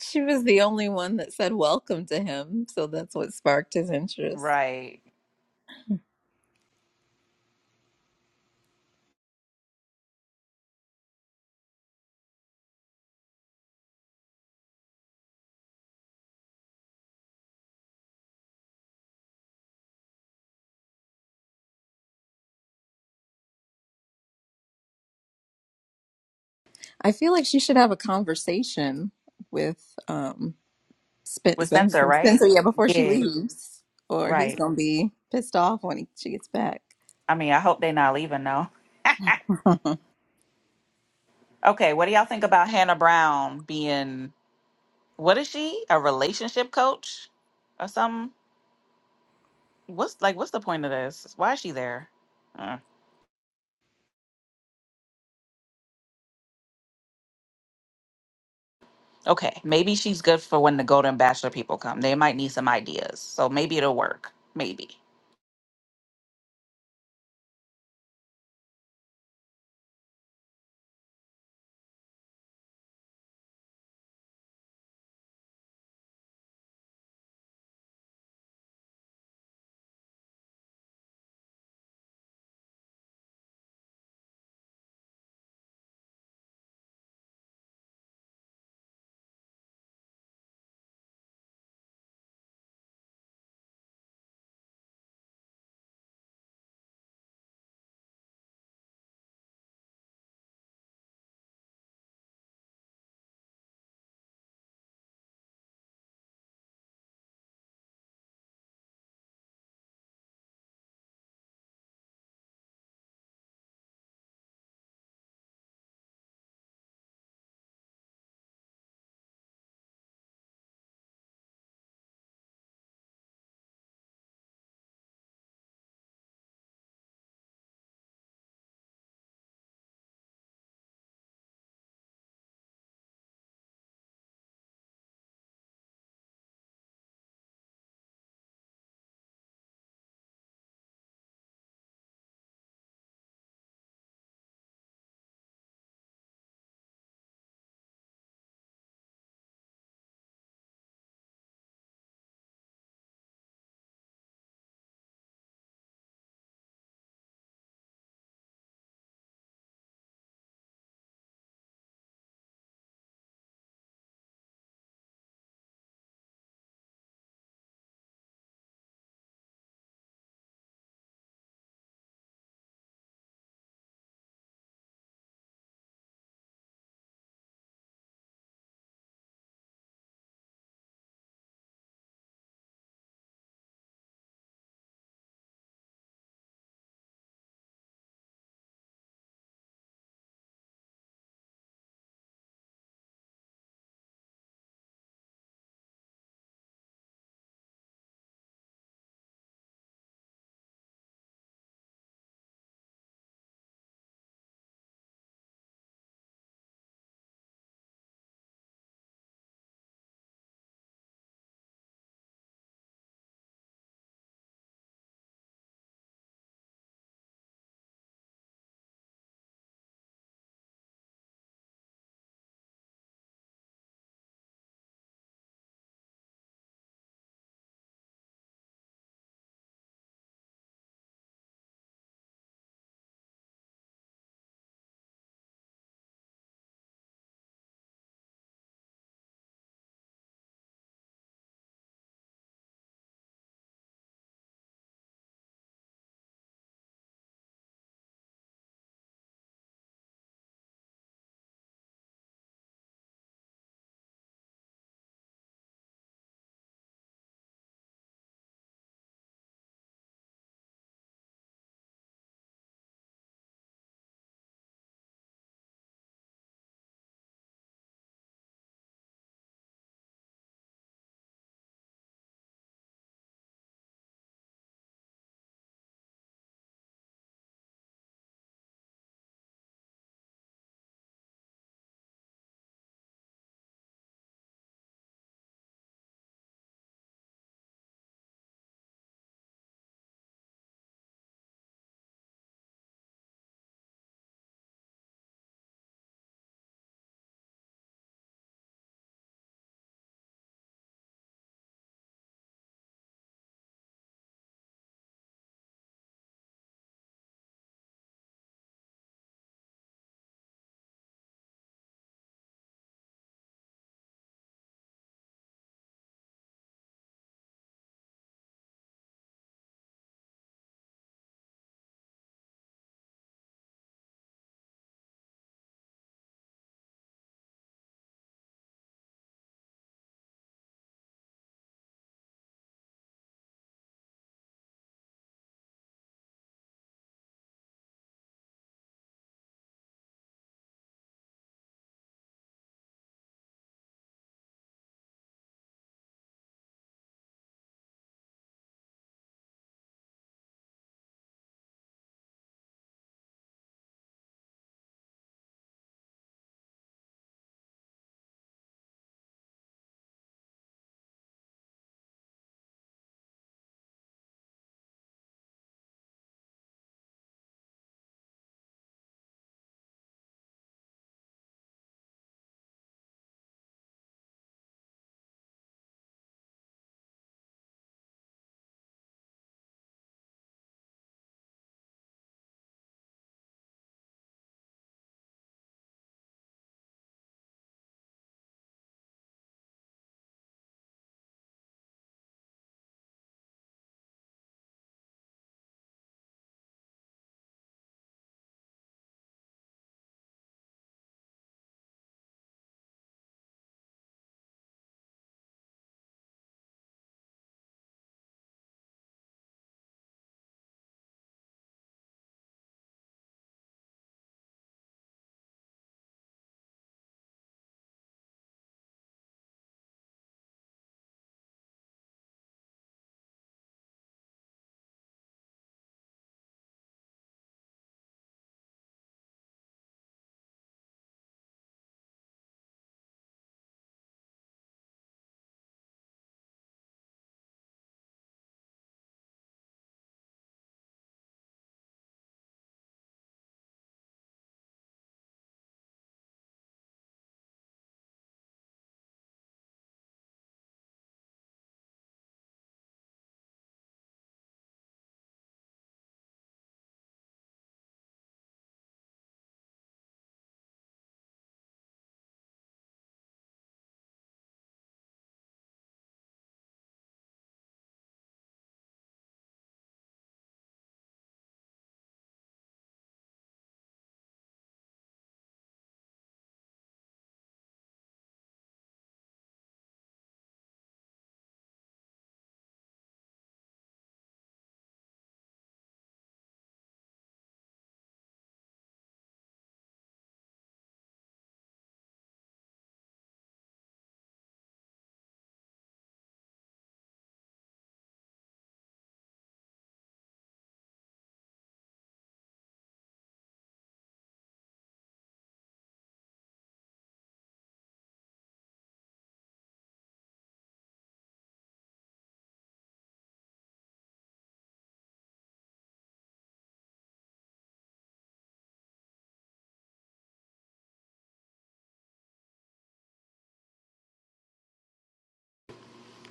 She was the only one that said welcome to him, so that's what sparked his interest. Right. I feel like she should have a conversation with um Spen- With is that her Spencer, name? right? Spencer, yeah, before she Yeah, leaves, or he's right. gonna be pissed off when he, she gets back. I mean, I hope they're not leaving though. Okay, what do y'all think about Hannah Brown being what is she? A relationship coach or something? What's like what's the point of this? Why is she there? Uh, okay, maybe she's good for when the Golden Bachelor people come. They might need some ideas. So maybe it'll work. Maybe.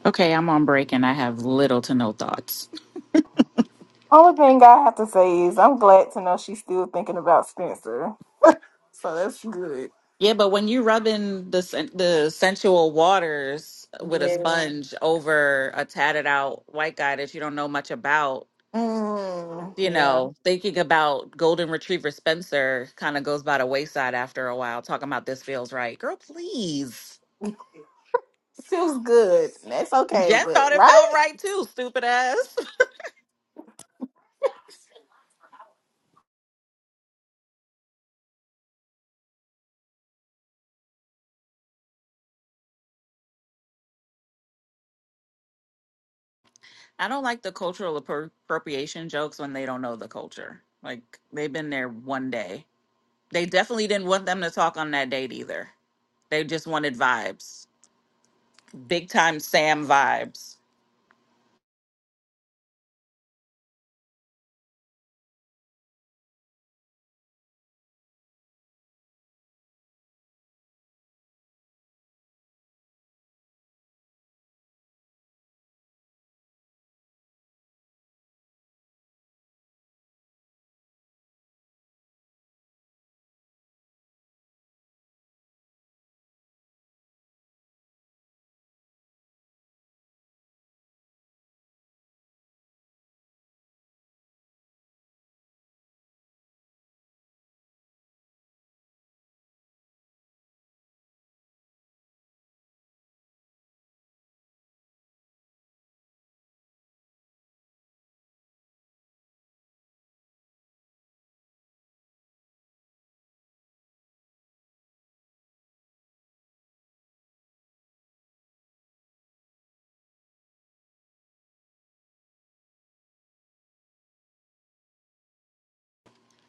Okay, I'm on break and I have little to no thoughts. Only thing I have to say is I'm glad to know she's still thinking about Spencer. So that's good. Yeah, but when you rubbing the sen- the sensual waters with a Yeah. sponge over a tatted out white guy that you don't know much about, Mm, you yeah. know, thinking about golden retriever Spencer kind of goes by the wayside after a while, talking about this feels right. Girl, please. Feels good. That's okay, Jen but thought it felt right? right too, stupid ass. I don't like the cultural appro- appropriation jokes when they don't know the culture. Like, they've been there one day. They definitely didn't want them to talk on that date either. They just wanted vibes, big time Sam vibes.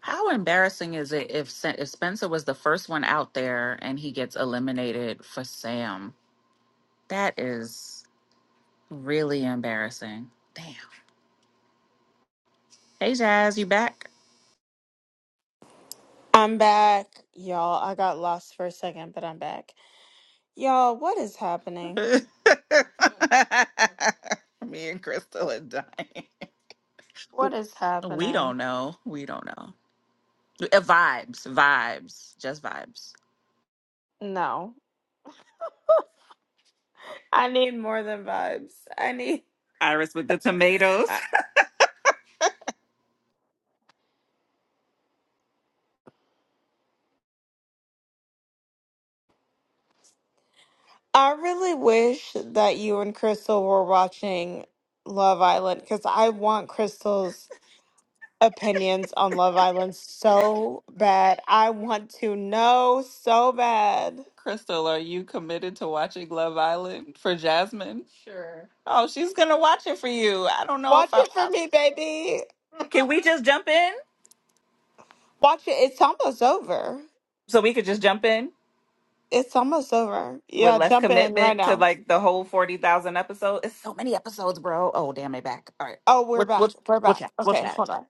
How embarrassing is it if, Sa- if Spencer was the first one out there and he gets eliminated for Sam? That is really embarrassing. Damn. Hey, Jazz, you back? I'm back, y'all. I got lost for a second, but I'm back. Y'all, what is happening? Me and Crystal and Diane. What is We don't happening? know. We don't know. Uh, Vibes, vibes, just vibes. No. I need more than vibes. I need Iris with the tomatoes. I, I really wish that you and Crystal were watching Love Island cuz I want Crystal's opinions on Love Island so bad. I want to know so bad. Crystal, are you committed to watching Love Island for Jasmine? Sure. Oh, she's gonna watch it for you. I don't know if Watch I. it for I me, baby. Can we just jump in? Watch it. It's almost over. So we could just jump in? It's almost over. with Yeah, less jump in right commitment to now. like the whole forty thousand episode. It's so many episodes, bro. Oh damn, they back. All right, Oh, we're we'll we'll back. We're we'll back. chat. We'll Okay, chat. hold on.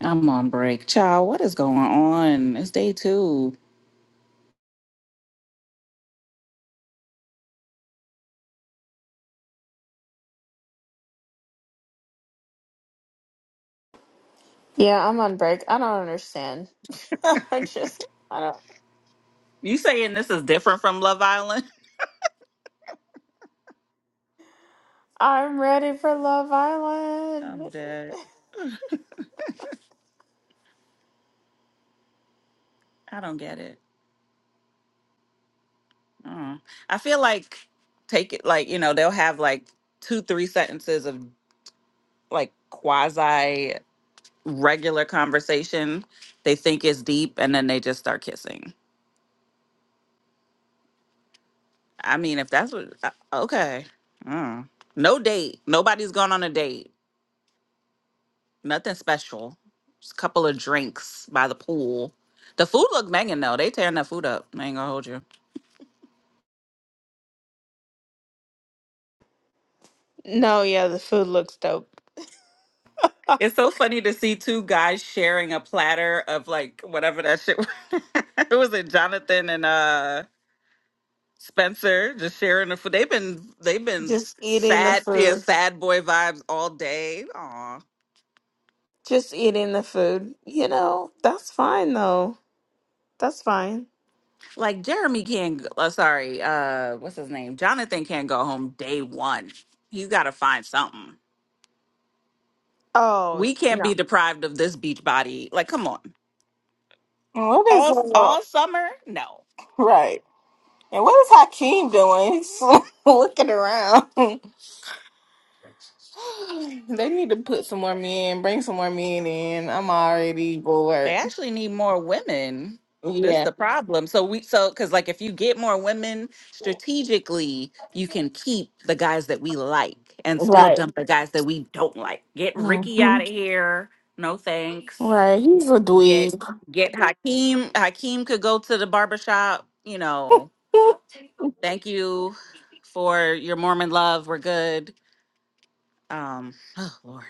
I'm on break, child. What is going on? It's day two. Yeah, I'm on break. I don't understand. I just, I don't. You saying this is different from Love Island? I'm ready for Love Island. I'm dead. I don't get it. Uh, I feel like take it like you know they'll have like two three sentences of like quasi regular conversation. They think is deep, and then they just start kissing. I mean, if that's what, uh, okay. Mm. No date. Nobody's gone on a date. Nothing special. Just a couple of drinks by the pool. The food looked banging though. They tearing that food up. I ain't gonna hold you. No, yeah, the food looks dope. It's so funny to see two guys sharing a platter of like whatever that shit. was. it was it Jonathan and uh Spencer just sharing the food. They've been they've been Just eating the sad, yeah, food. sad boy vibes all day. Aw. Just eating the food. You know, that's fine though. That's fine. Like Jeremy can't. Uh, sorry, uh, what's his name? Jonathan can't go home day one. He's got to find something. Oh, We can't no. be deprived of this beach body. Like, come on, And what is all uh, all summer. No, right? And what is Hakeem doing? He's looking around. they need to put some more men, bring some more men in. I'm already they bored. actually need more women. That's Yeah. the problem. So we so because like if you get more women strategically, you can keep the guys that we like and still Right. dump the guys that we don't like. Get Ricky hmm out of here. No thanks. Right, he's a get dweeb. get Hakeem. Hakeem could go to the barbershop, you know. Thank you for your Mormon love. We're good. Um, oh Lord.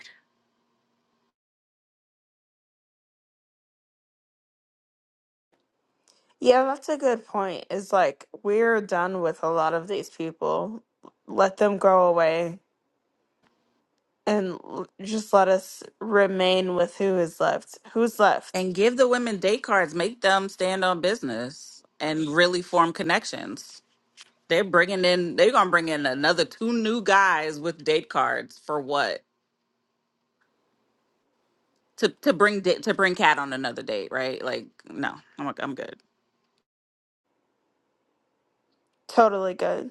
Yeah, that's a good point. Is like we're done with a lot of these people. Let them go away and l- just let us remain with who is left. Who's left? And give the women date cards, make them stand on business and really form connections. They're bringing in they're going to bring in another two new guys with date cards for what? To to bring da- to bring Cat on another date, right? Like no. I'm I'm good. Totally good.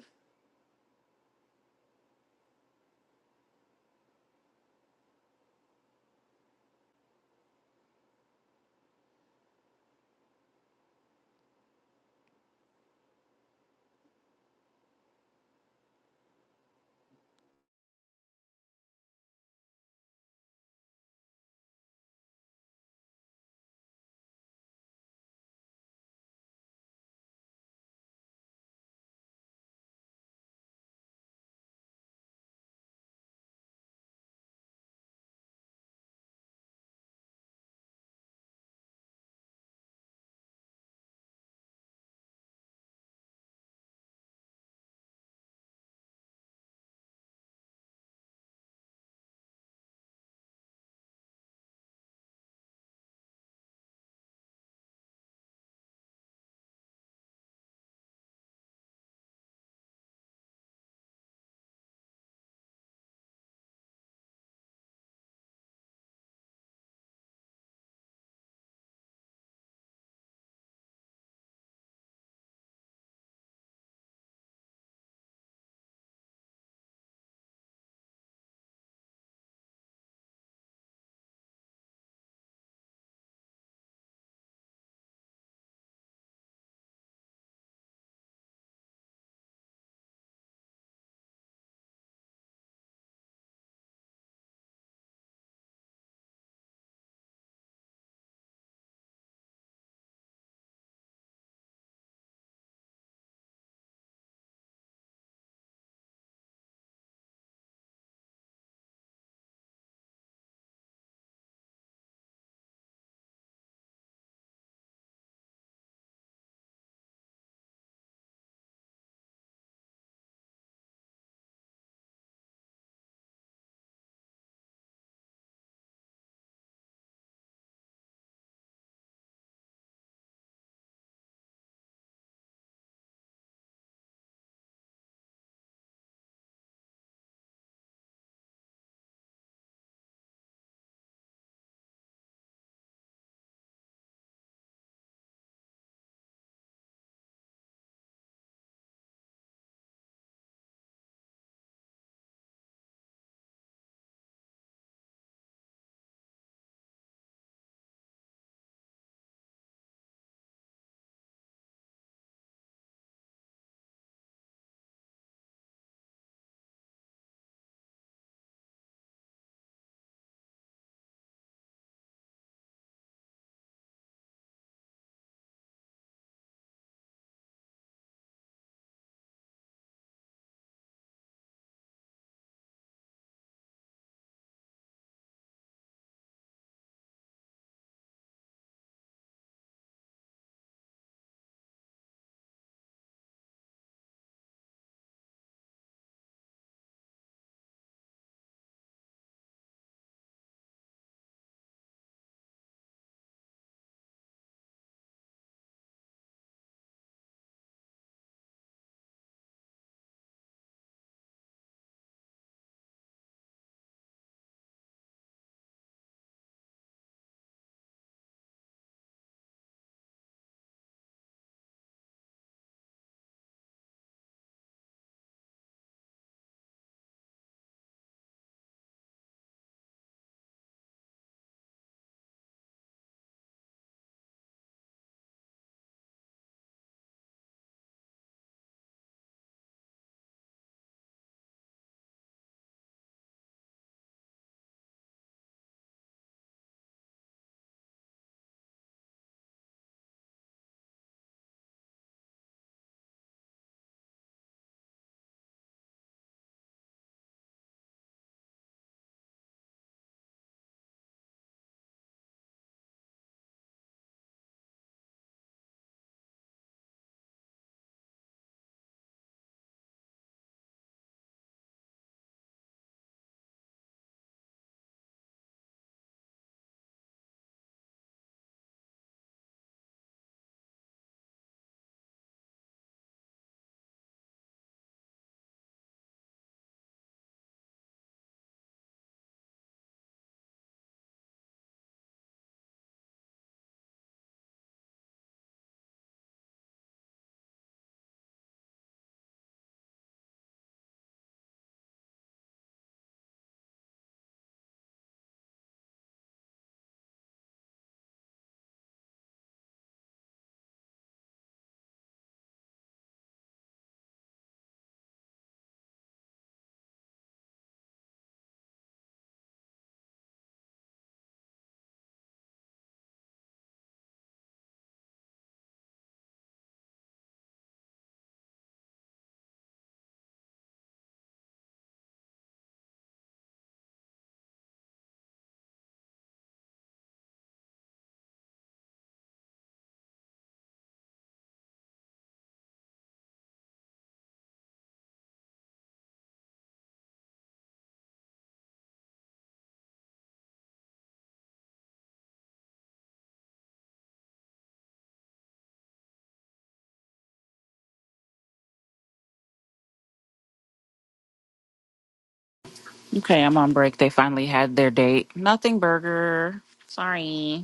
Okay, I'm on break. They finally had their date. Nothing burger. Sorry.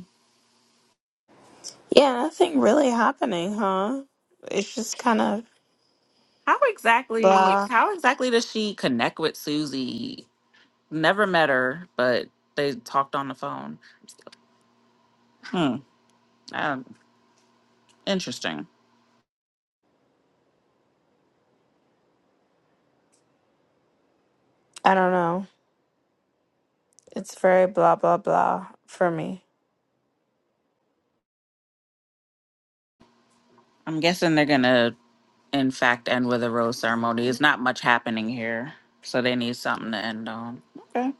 Yeah, nothing really happening, huh? It's just kind of How exactly blah. how exactly does she connect with Susie? Never met her, but they talked on the phone. Hmm. Um, interesting. I don't know. It's very blah blah blah for me. I'm guessing they're gonna in fact end with a rose ceremony. It's not much happening here. So they need something to end on. Okay.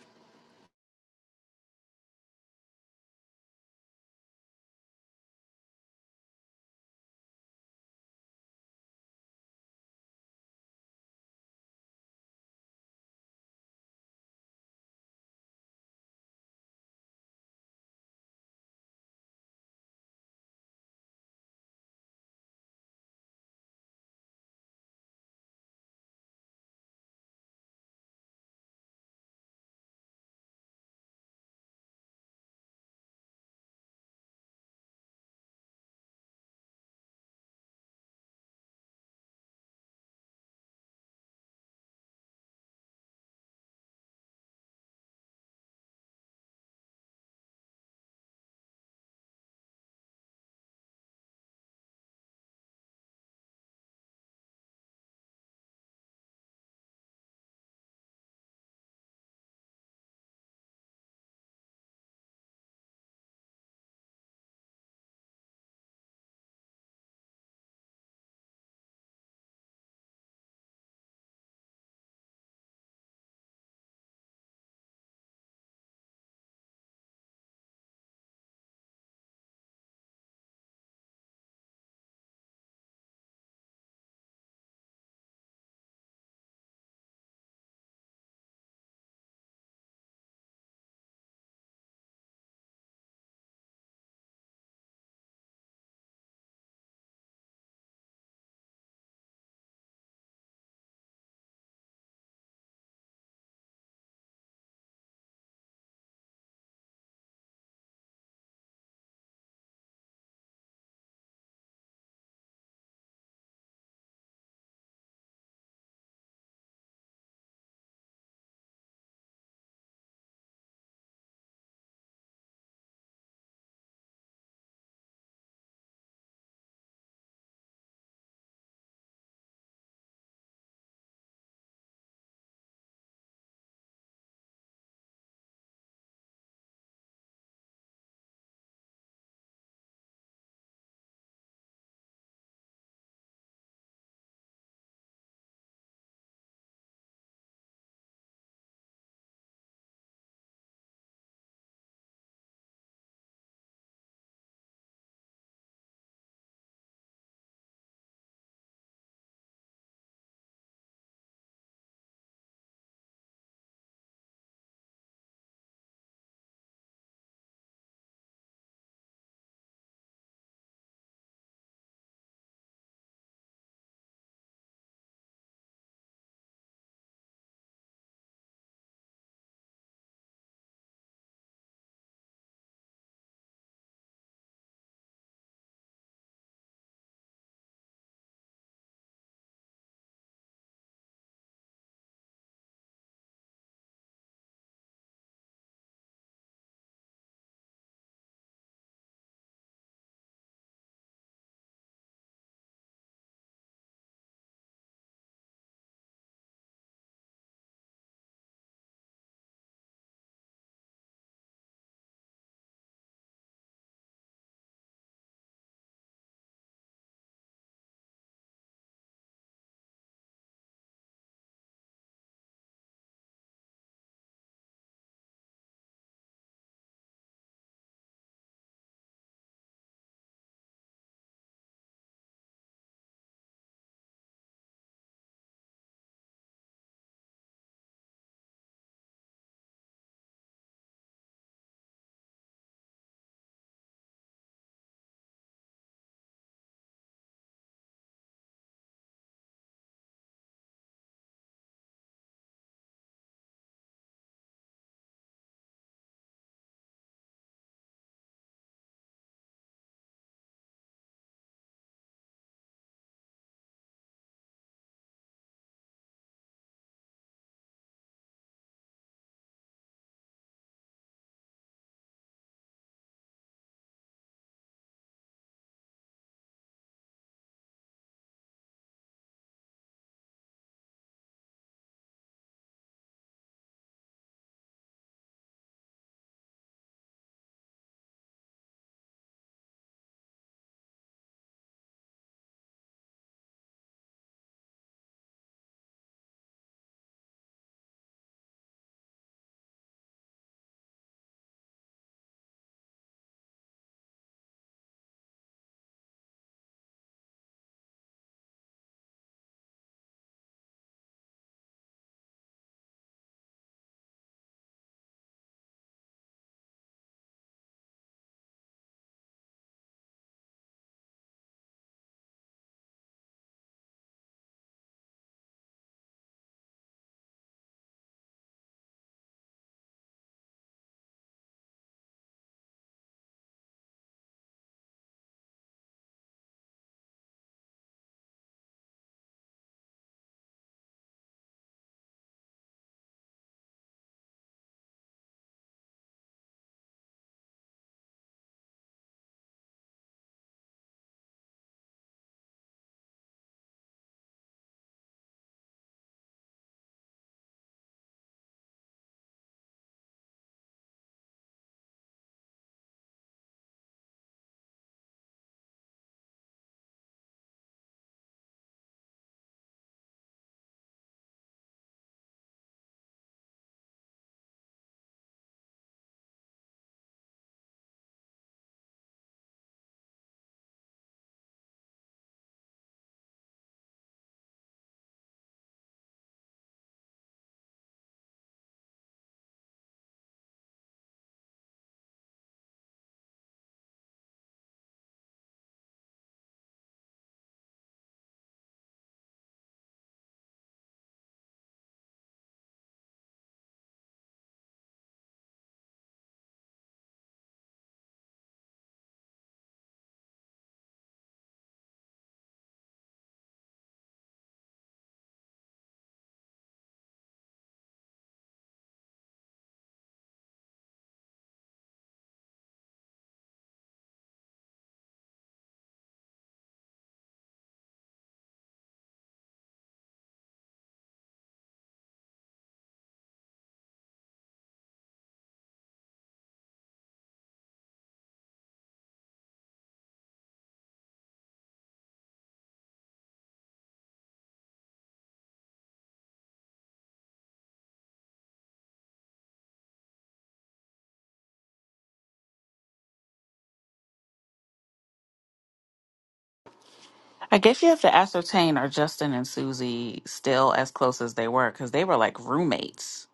I guess you have to ascertain are Justin and Susie still as close as they were because they were like roommates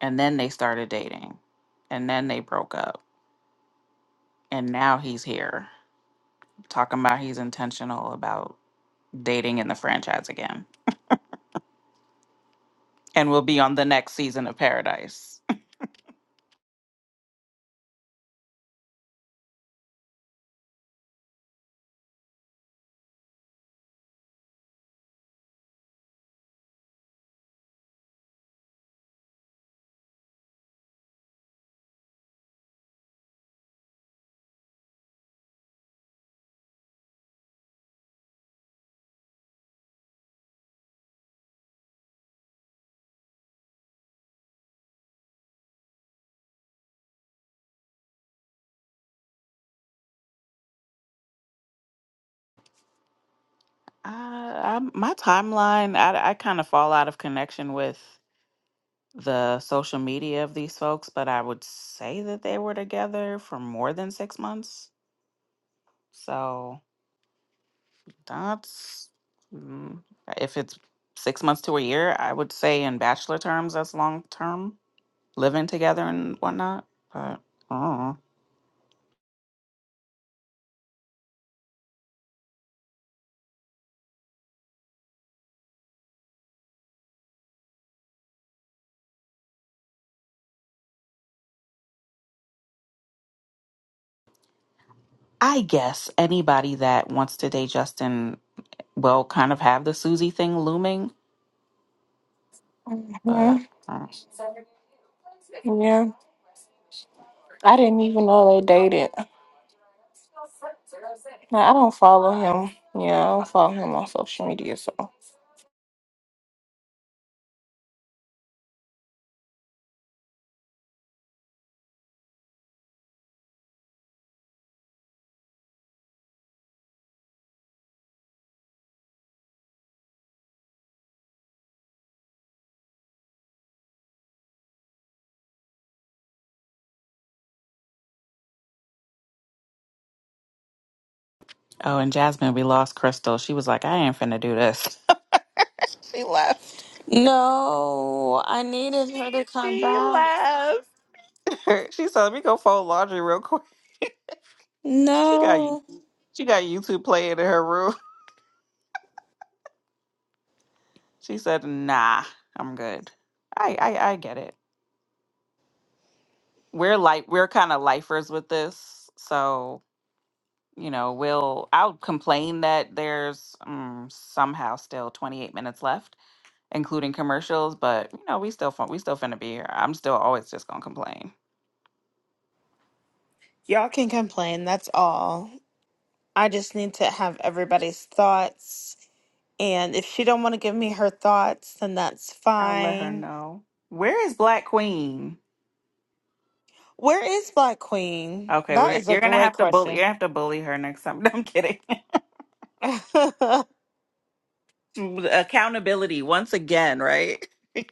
and then they started dating and then they broke up and now he's here talking about he's intentional about dating in the franchise again and will be on the next season of Paradise. Uh, I'm, my timeline, I, I kind of fall out of connection with the social media of these folks, but I would say that they were together for more than six months. So that's, mm, if it's six months to a year, I would say in bachelor terms, that's long term living together and whatnot. But I don't know. I guess anybody that wants to date Justin well, kind of have the Susie thing looming, hmm but uh, Yeah, I didn't even know they dated. Like, I don't follow him. Yeah, I don't follow him on social media. So, oh, and Jasmine, we lost Crystal. She was like, I ain't finna do this. she left. No, I needed her to come She back. left. she said, Let me go fold laundry real quick. She got you. No. she got YouTube playing in her room. She said, Nah, I'm good. I I, I get it. We're like we're kind of lifers with this, so you know, we'll I'll complain that there's mm, somehow still 28 minutes left including commercials. But you know, we still fin- we still finna be here. I'm still always just gonna complain. Y'all can complain, that's all. I just need to have everybody's thoughts. And if she don't want to give me her thoughts, then that's I'll let her fine. know. Where is Black Queen? Where is Black Queen? Okay, we're That is a you're gonna great have to bully. question. You have to bully her next time. No, I'm kidding. um, Accountability once again, right?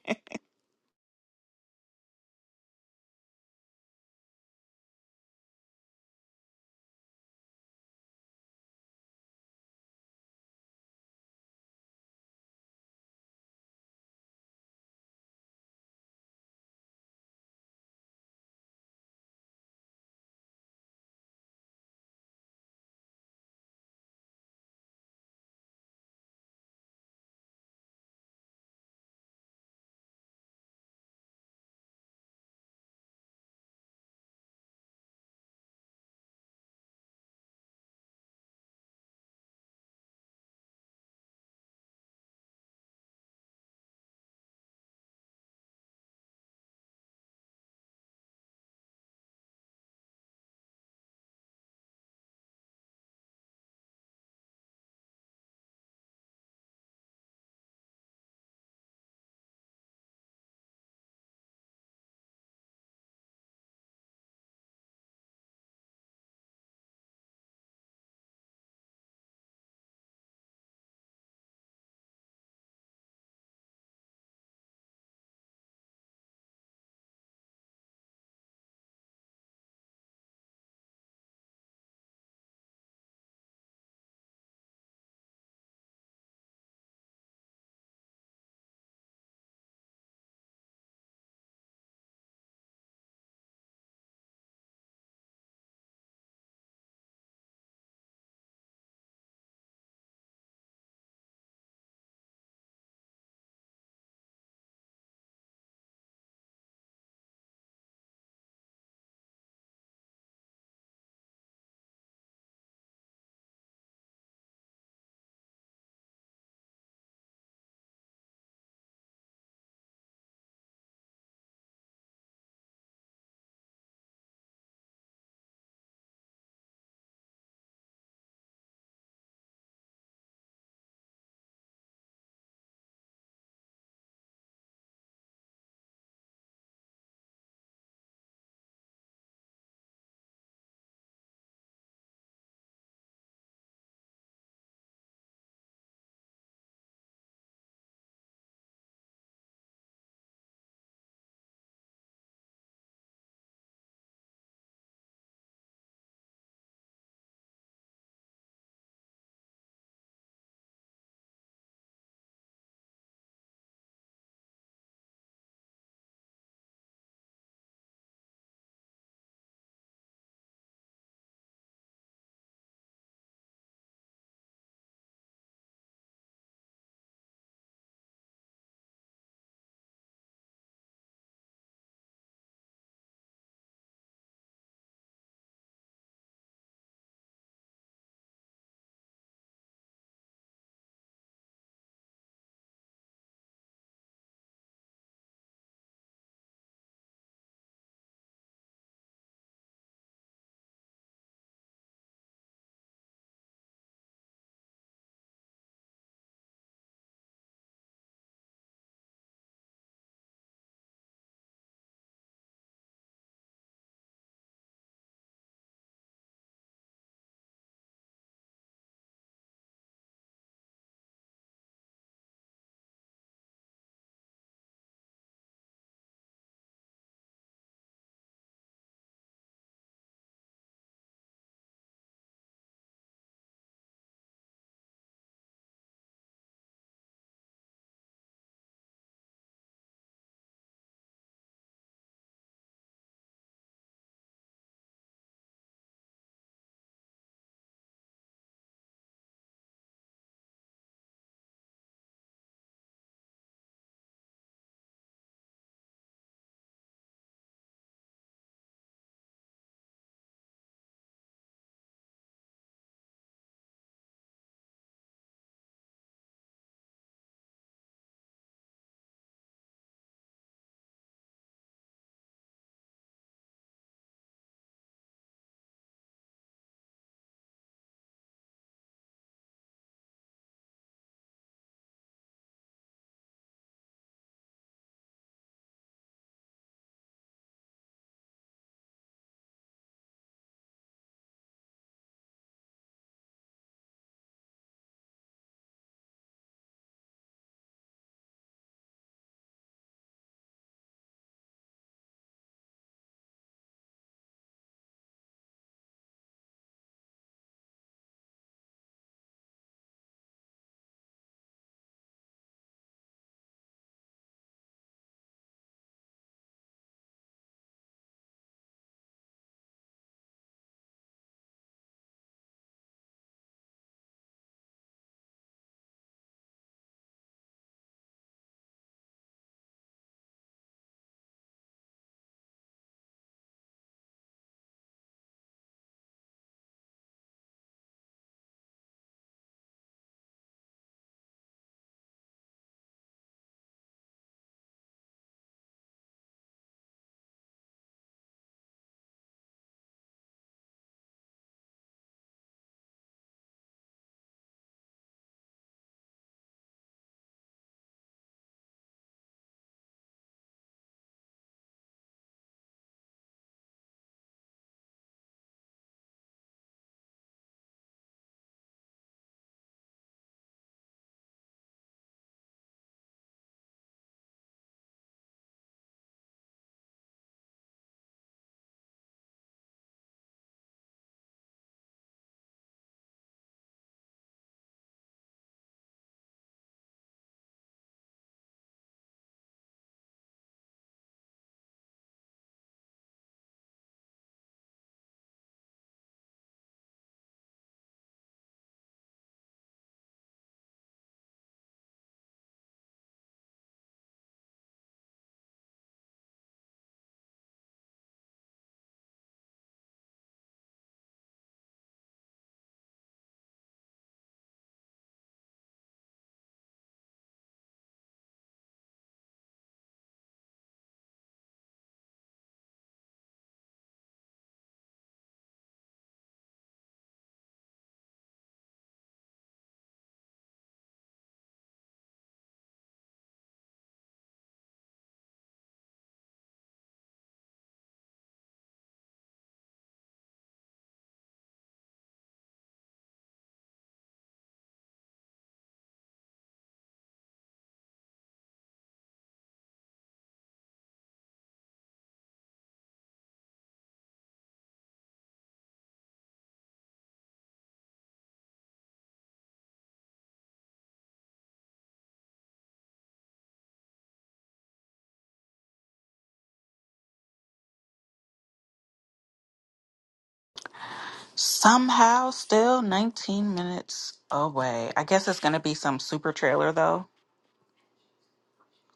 Somehow, still 19 minutes away. I guess it's gonna be some super trailer though.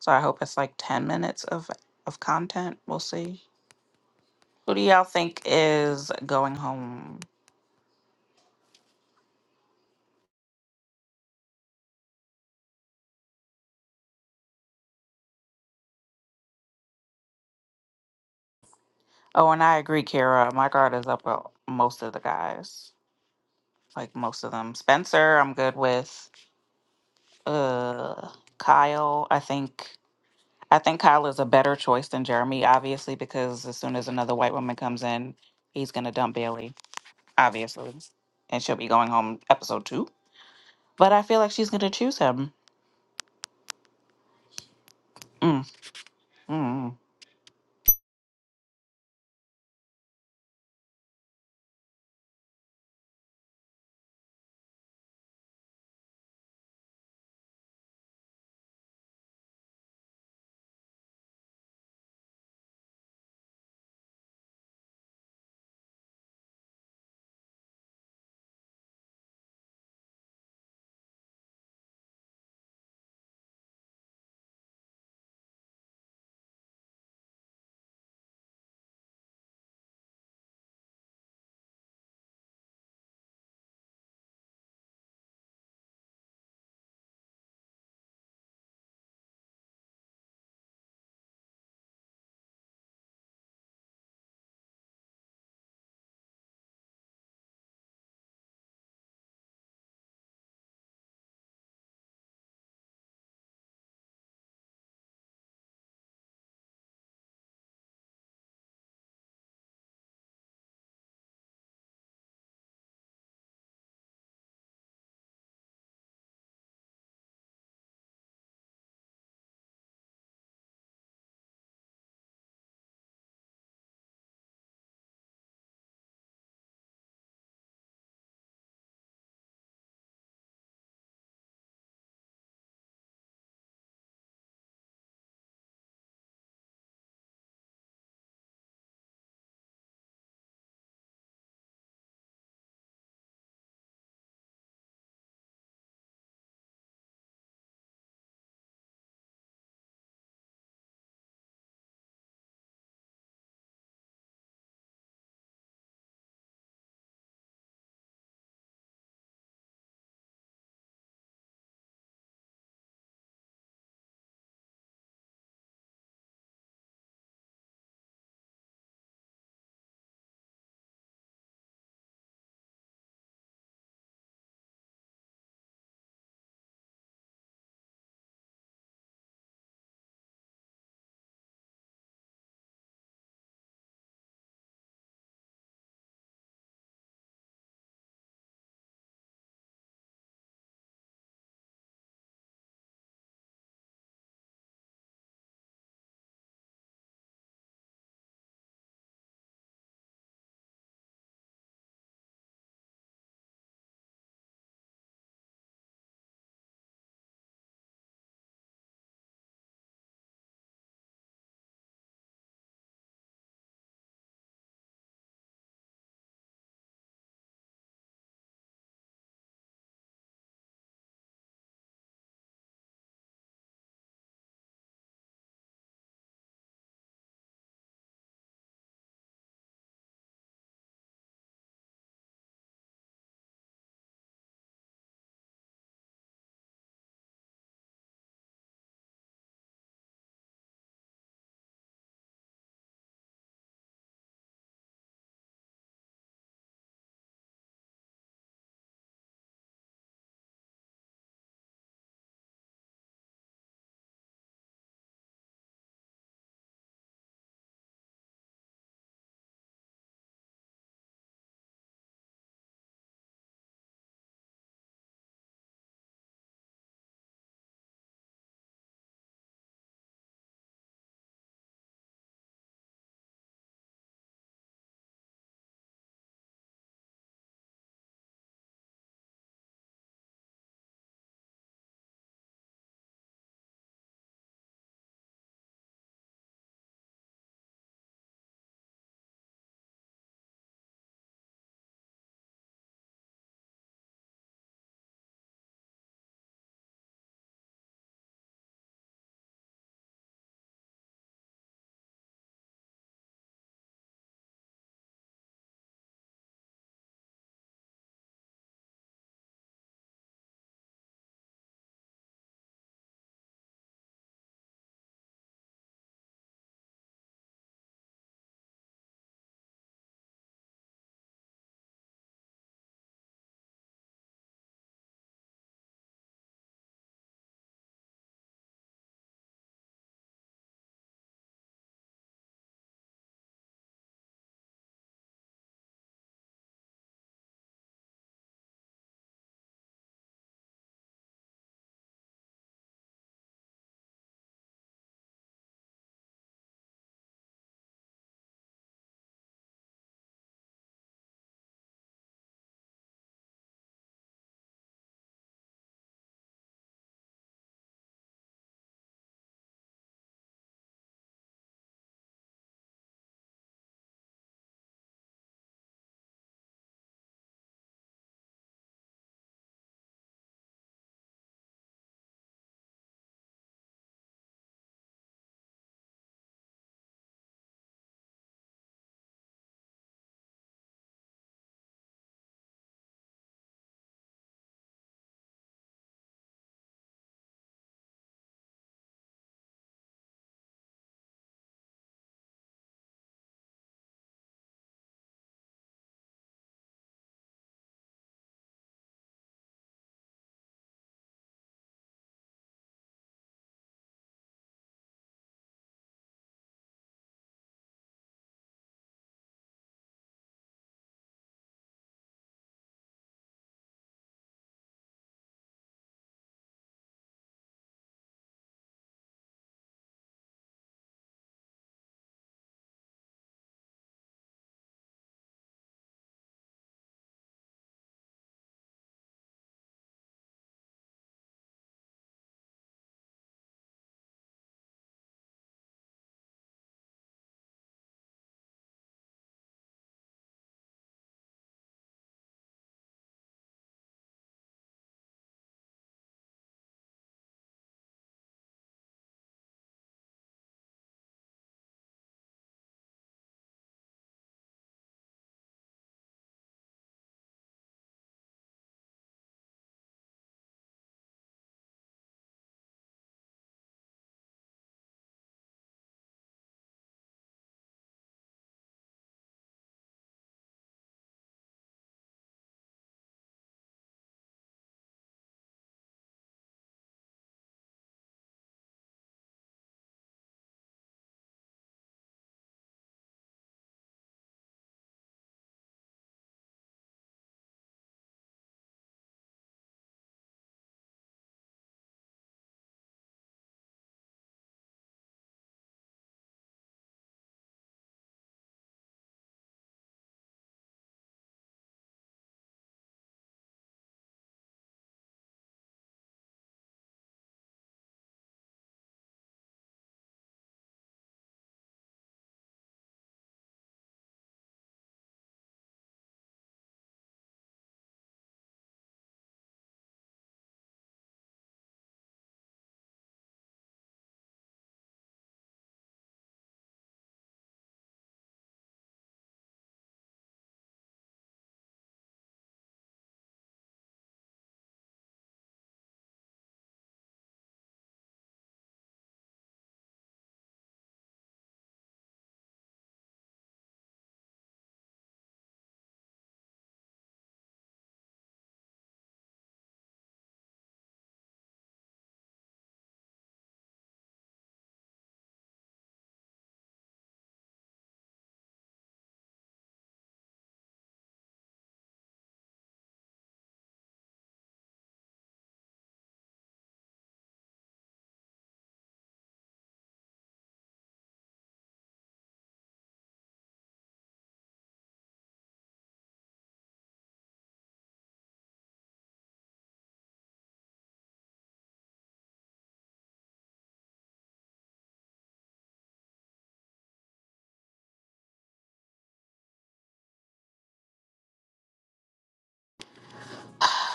So I hope it's like 10 minutes of of content. We'll see. Who do y'all think is going home? Oh, and I agree, Kara. My guard is up with most of the guys. Like most of them. Spencer, I'm good with. Uh Kyle, I think I think Kyle is a better choice than Jeremy, obviously, because as soon as another white woman comes in, he's gonna dump Bailey, obviously. And she'll be going home episode two. But I feel like she's gonna choose him. Mm, mm.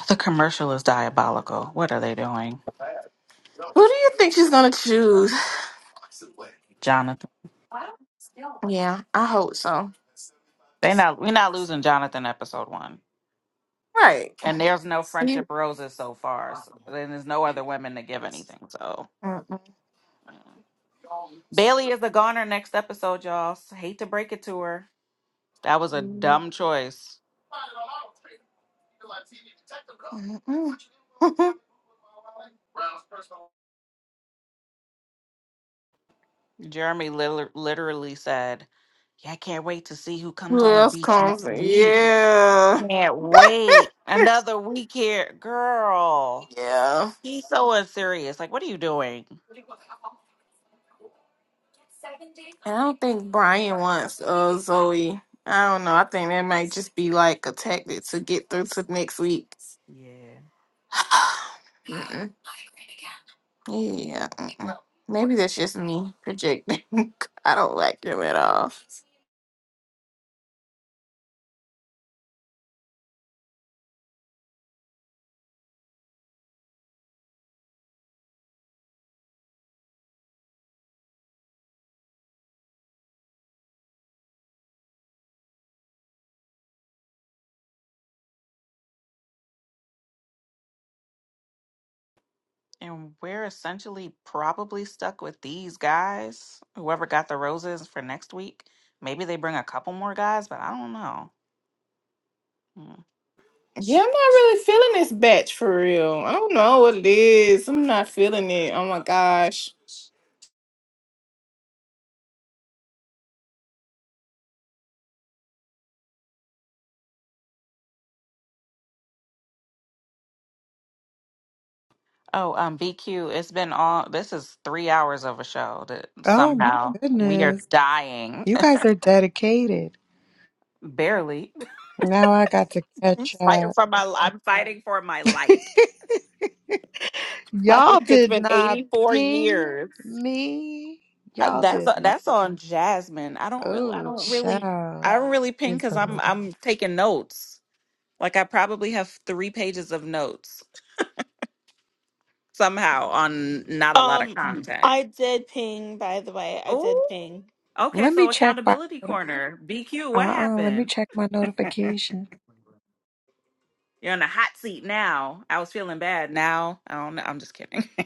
The commercial is diabolical. What are they doing? who do you think she's gonna choose? Jonathan. Yeah, I hope so. They not we're not losing Jonathan episode one. Right. And there's no friendship You- roses so far. So, and there's no other women to give anything. So Mm-mm. yeah. Bailey is a goner next episode, y'all. S- Hate to break it to her. That was a Mm-mm. dumb choice. Jeremy liter- literally said, Yeah, I can't wait to see who comes Who on the else beach comes? next week. Yeah, Can't wait. Another week here. Girl, yeah. he's so unserious. Like, what are you doing? I don't think Brian wants uh Zoe. I don't know. I think that might just be like a tactic to get through to next week. Yeah. Mm-mm. yeah. mm-mm. Maybe that's just me projecting. I don't like him at all. And we're essentially probably stuck with these guys. Whoever got the roses for next week, maybe they bring a couple more guys, but I don't know. Hmm. Yeah, I'm not really feeling this batch for real. I don't know what it is. I'm not feeling it. Oh my gosh. Oh, um, BQ, it's been all this is three hours of a show that Oh my somehow we are goodness. dying. You guys are dedicated. Barely. Now I got to I'm catch fighting up. for my I'm fighting for my life. Like Y'all it's did been not 84 ping years. me. Uh, Y'all That's did uh, not. that's on Jasmine. I don't really I Oh, don't really child. I don't really ping Is because I'm the I'm taking notes. Like I probably have three pages of notes somehow on not a lot of content. I did ping, by the way. I did Oh, ping. okay. let me So check my accountability uh corner, BQ. What uh let me happened? check my notification. You're in a hot seat now. I was feeling bad. Now I don't know. I'm just kidding.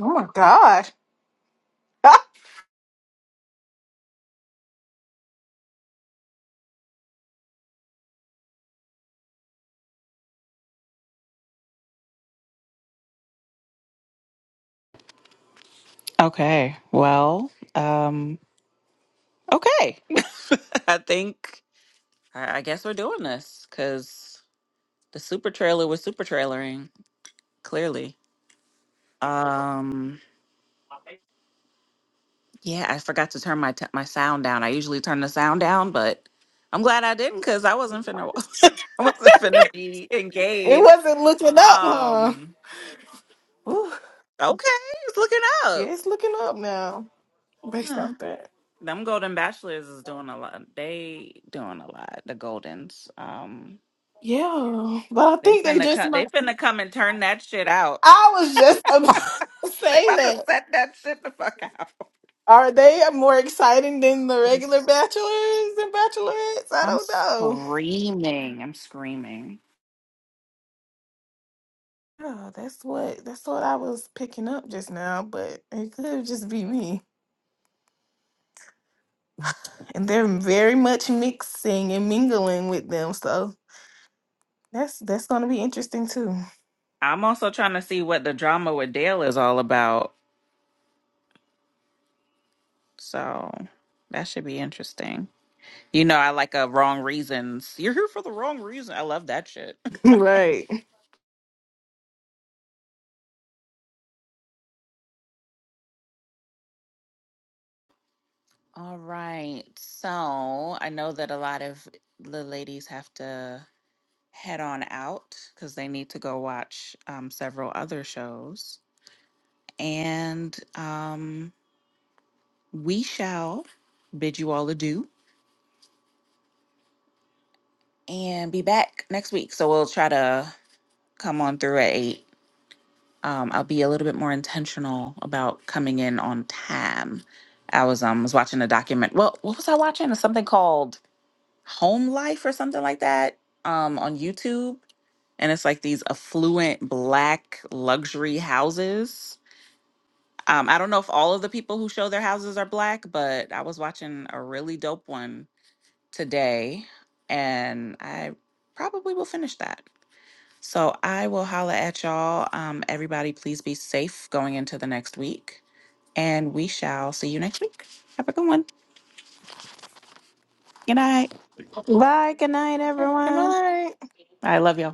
Oh my gosh. Okay. Well. Um. Okay. I think I I guess we're doing this because the super trailer was super trailering clearly. Um. Yeah, I forgot to turn my t- my sound down. I usually turn the sound down, but I'm glad I didn't because I wasn't finna I wasn't finna be it engaged. wasn't looking up, huh? Um, Ooh, okay, it's looking yeah, up. it's looking up now based Huh. off that. Them Golden Bachelors is doing a lot. They doing a lot. The Goldens. Um, Yeah, but I they think they finna just come. might. They finna come and turn that shit out. I was just about to They say about to that. set that shit the fuck out. Are they more exciting than the I'm regular s- bachelors and bachelorettes? I I'm don't know. screaming. I'm screaming. Oh, that's what that's what I was picking up just now, but it could just be me. And they're very much mixing and mingling with them, so that's that's gonna be interesting too. I'm also trying to see what the drama with Dale is all about So that should be interesting. You know, I like a wrong reasons. You're here for the wrong reason. I love that shit. right. All right. So I know that a lot of the ladies have to head on out because they need to go watch um, several other shows. And um, we shall bid you all adieu and be back next week. So we'll try to come on through at eight. um, I'll be a little bit more intentional about coming in on time. I was um was watching a document. Well, what was I watching? It's something called Home Life or something like that um, on YouTube, and it's like these affluent black luxury houses. Um, I don't know if all of the people who show their houses are black, but I was watching a really dope one today, and I probably will finish that. So I will holla at y'all. Um, everybody, please be safe going into the next week. And we shall see you next week. Have a good one. Good night. Bye. Good night, Good everyone. night. I love y'all.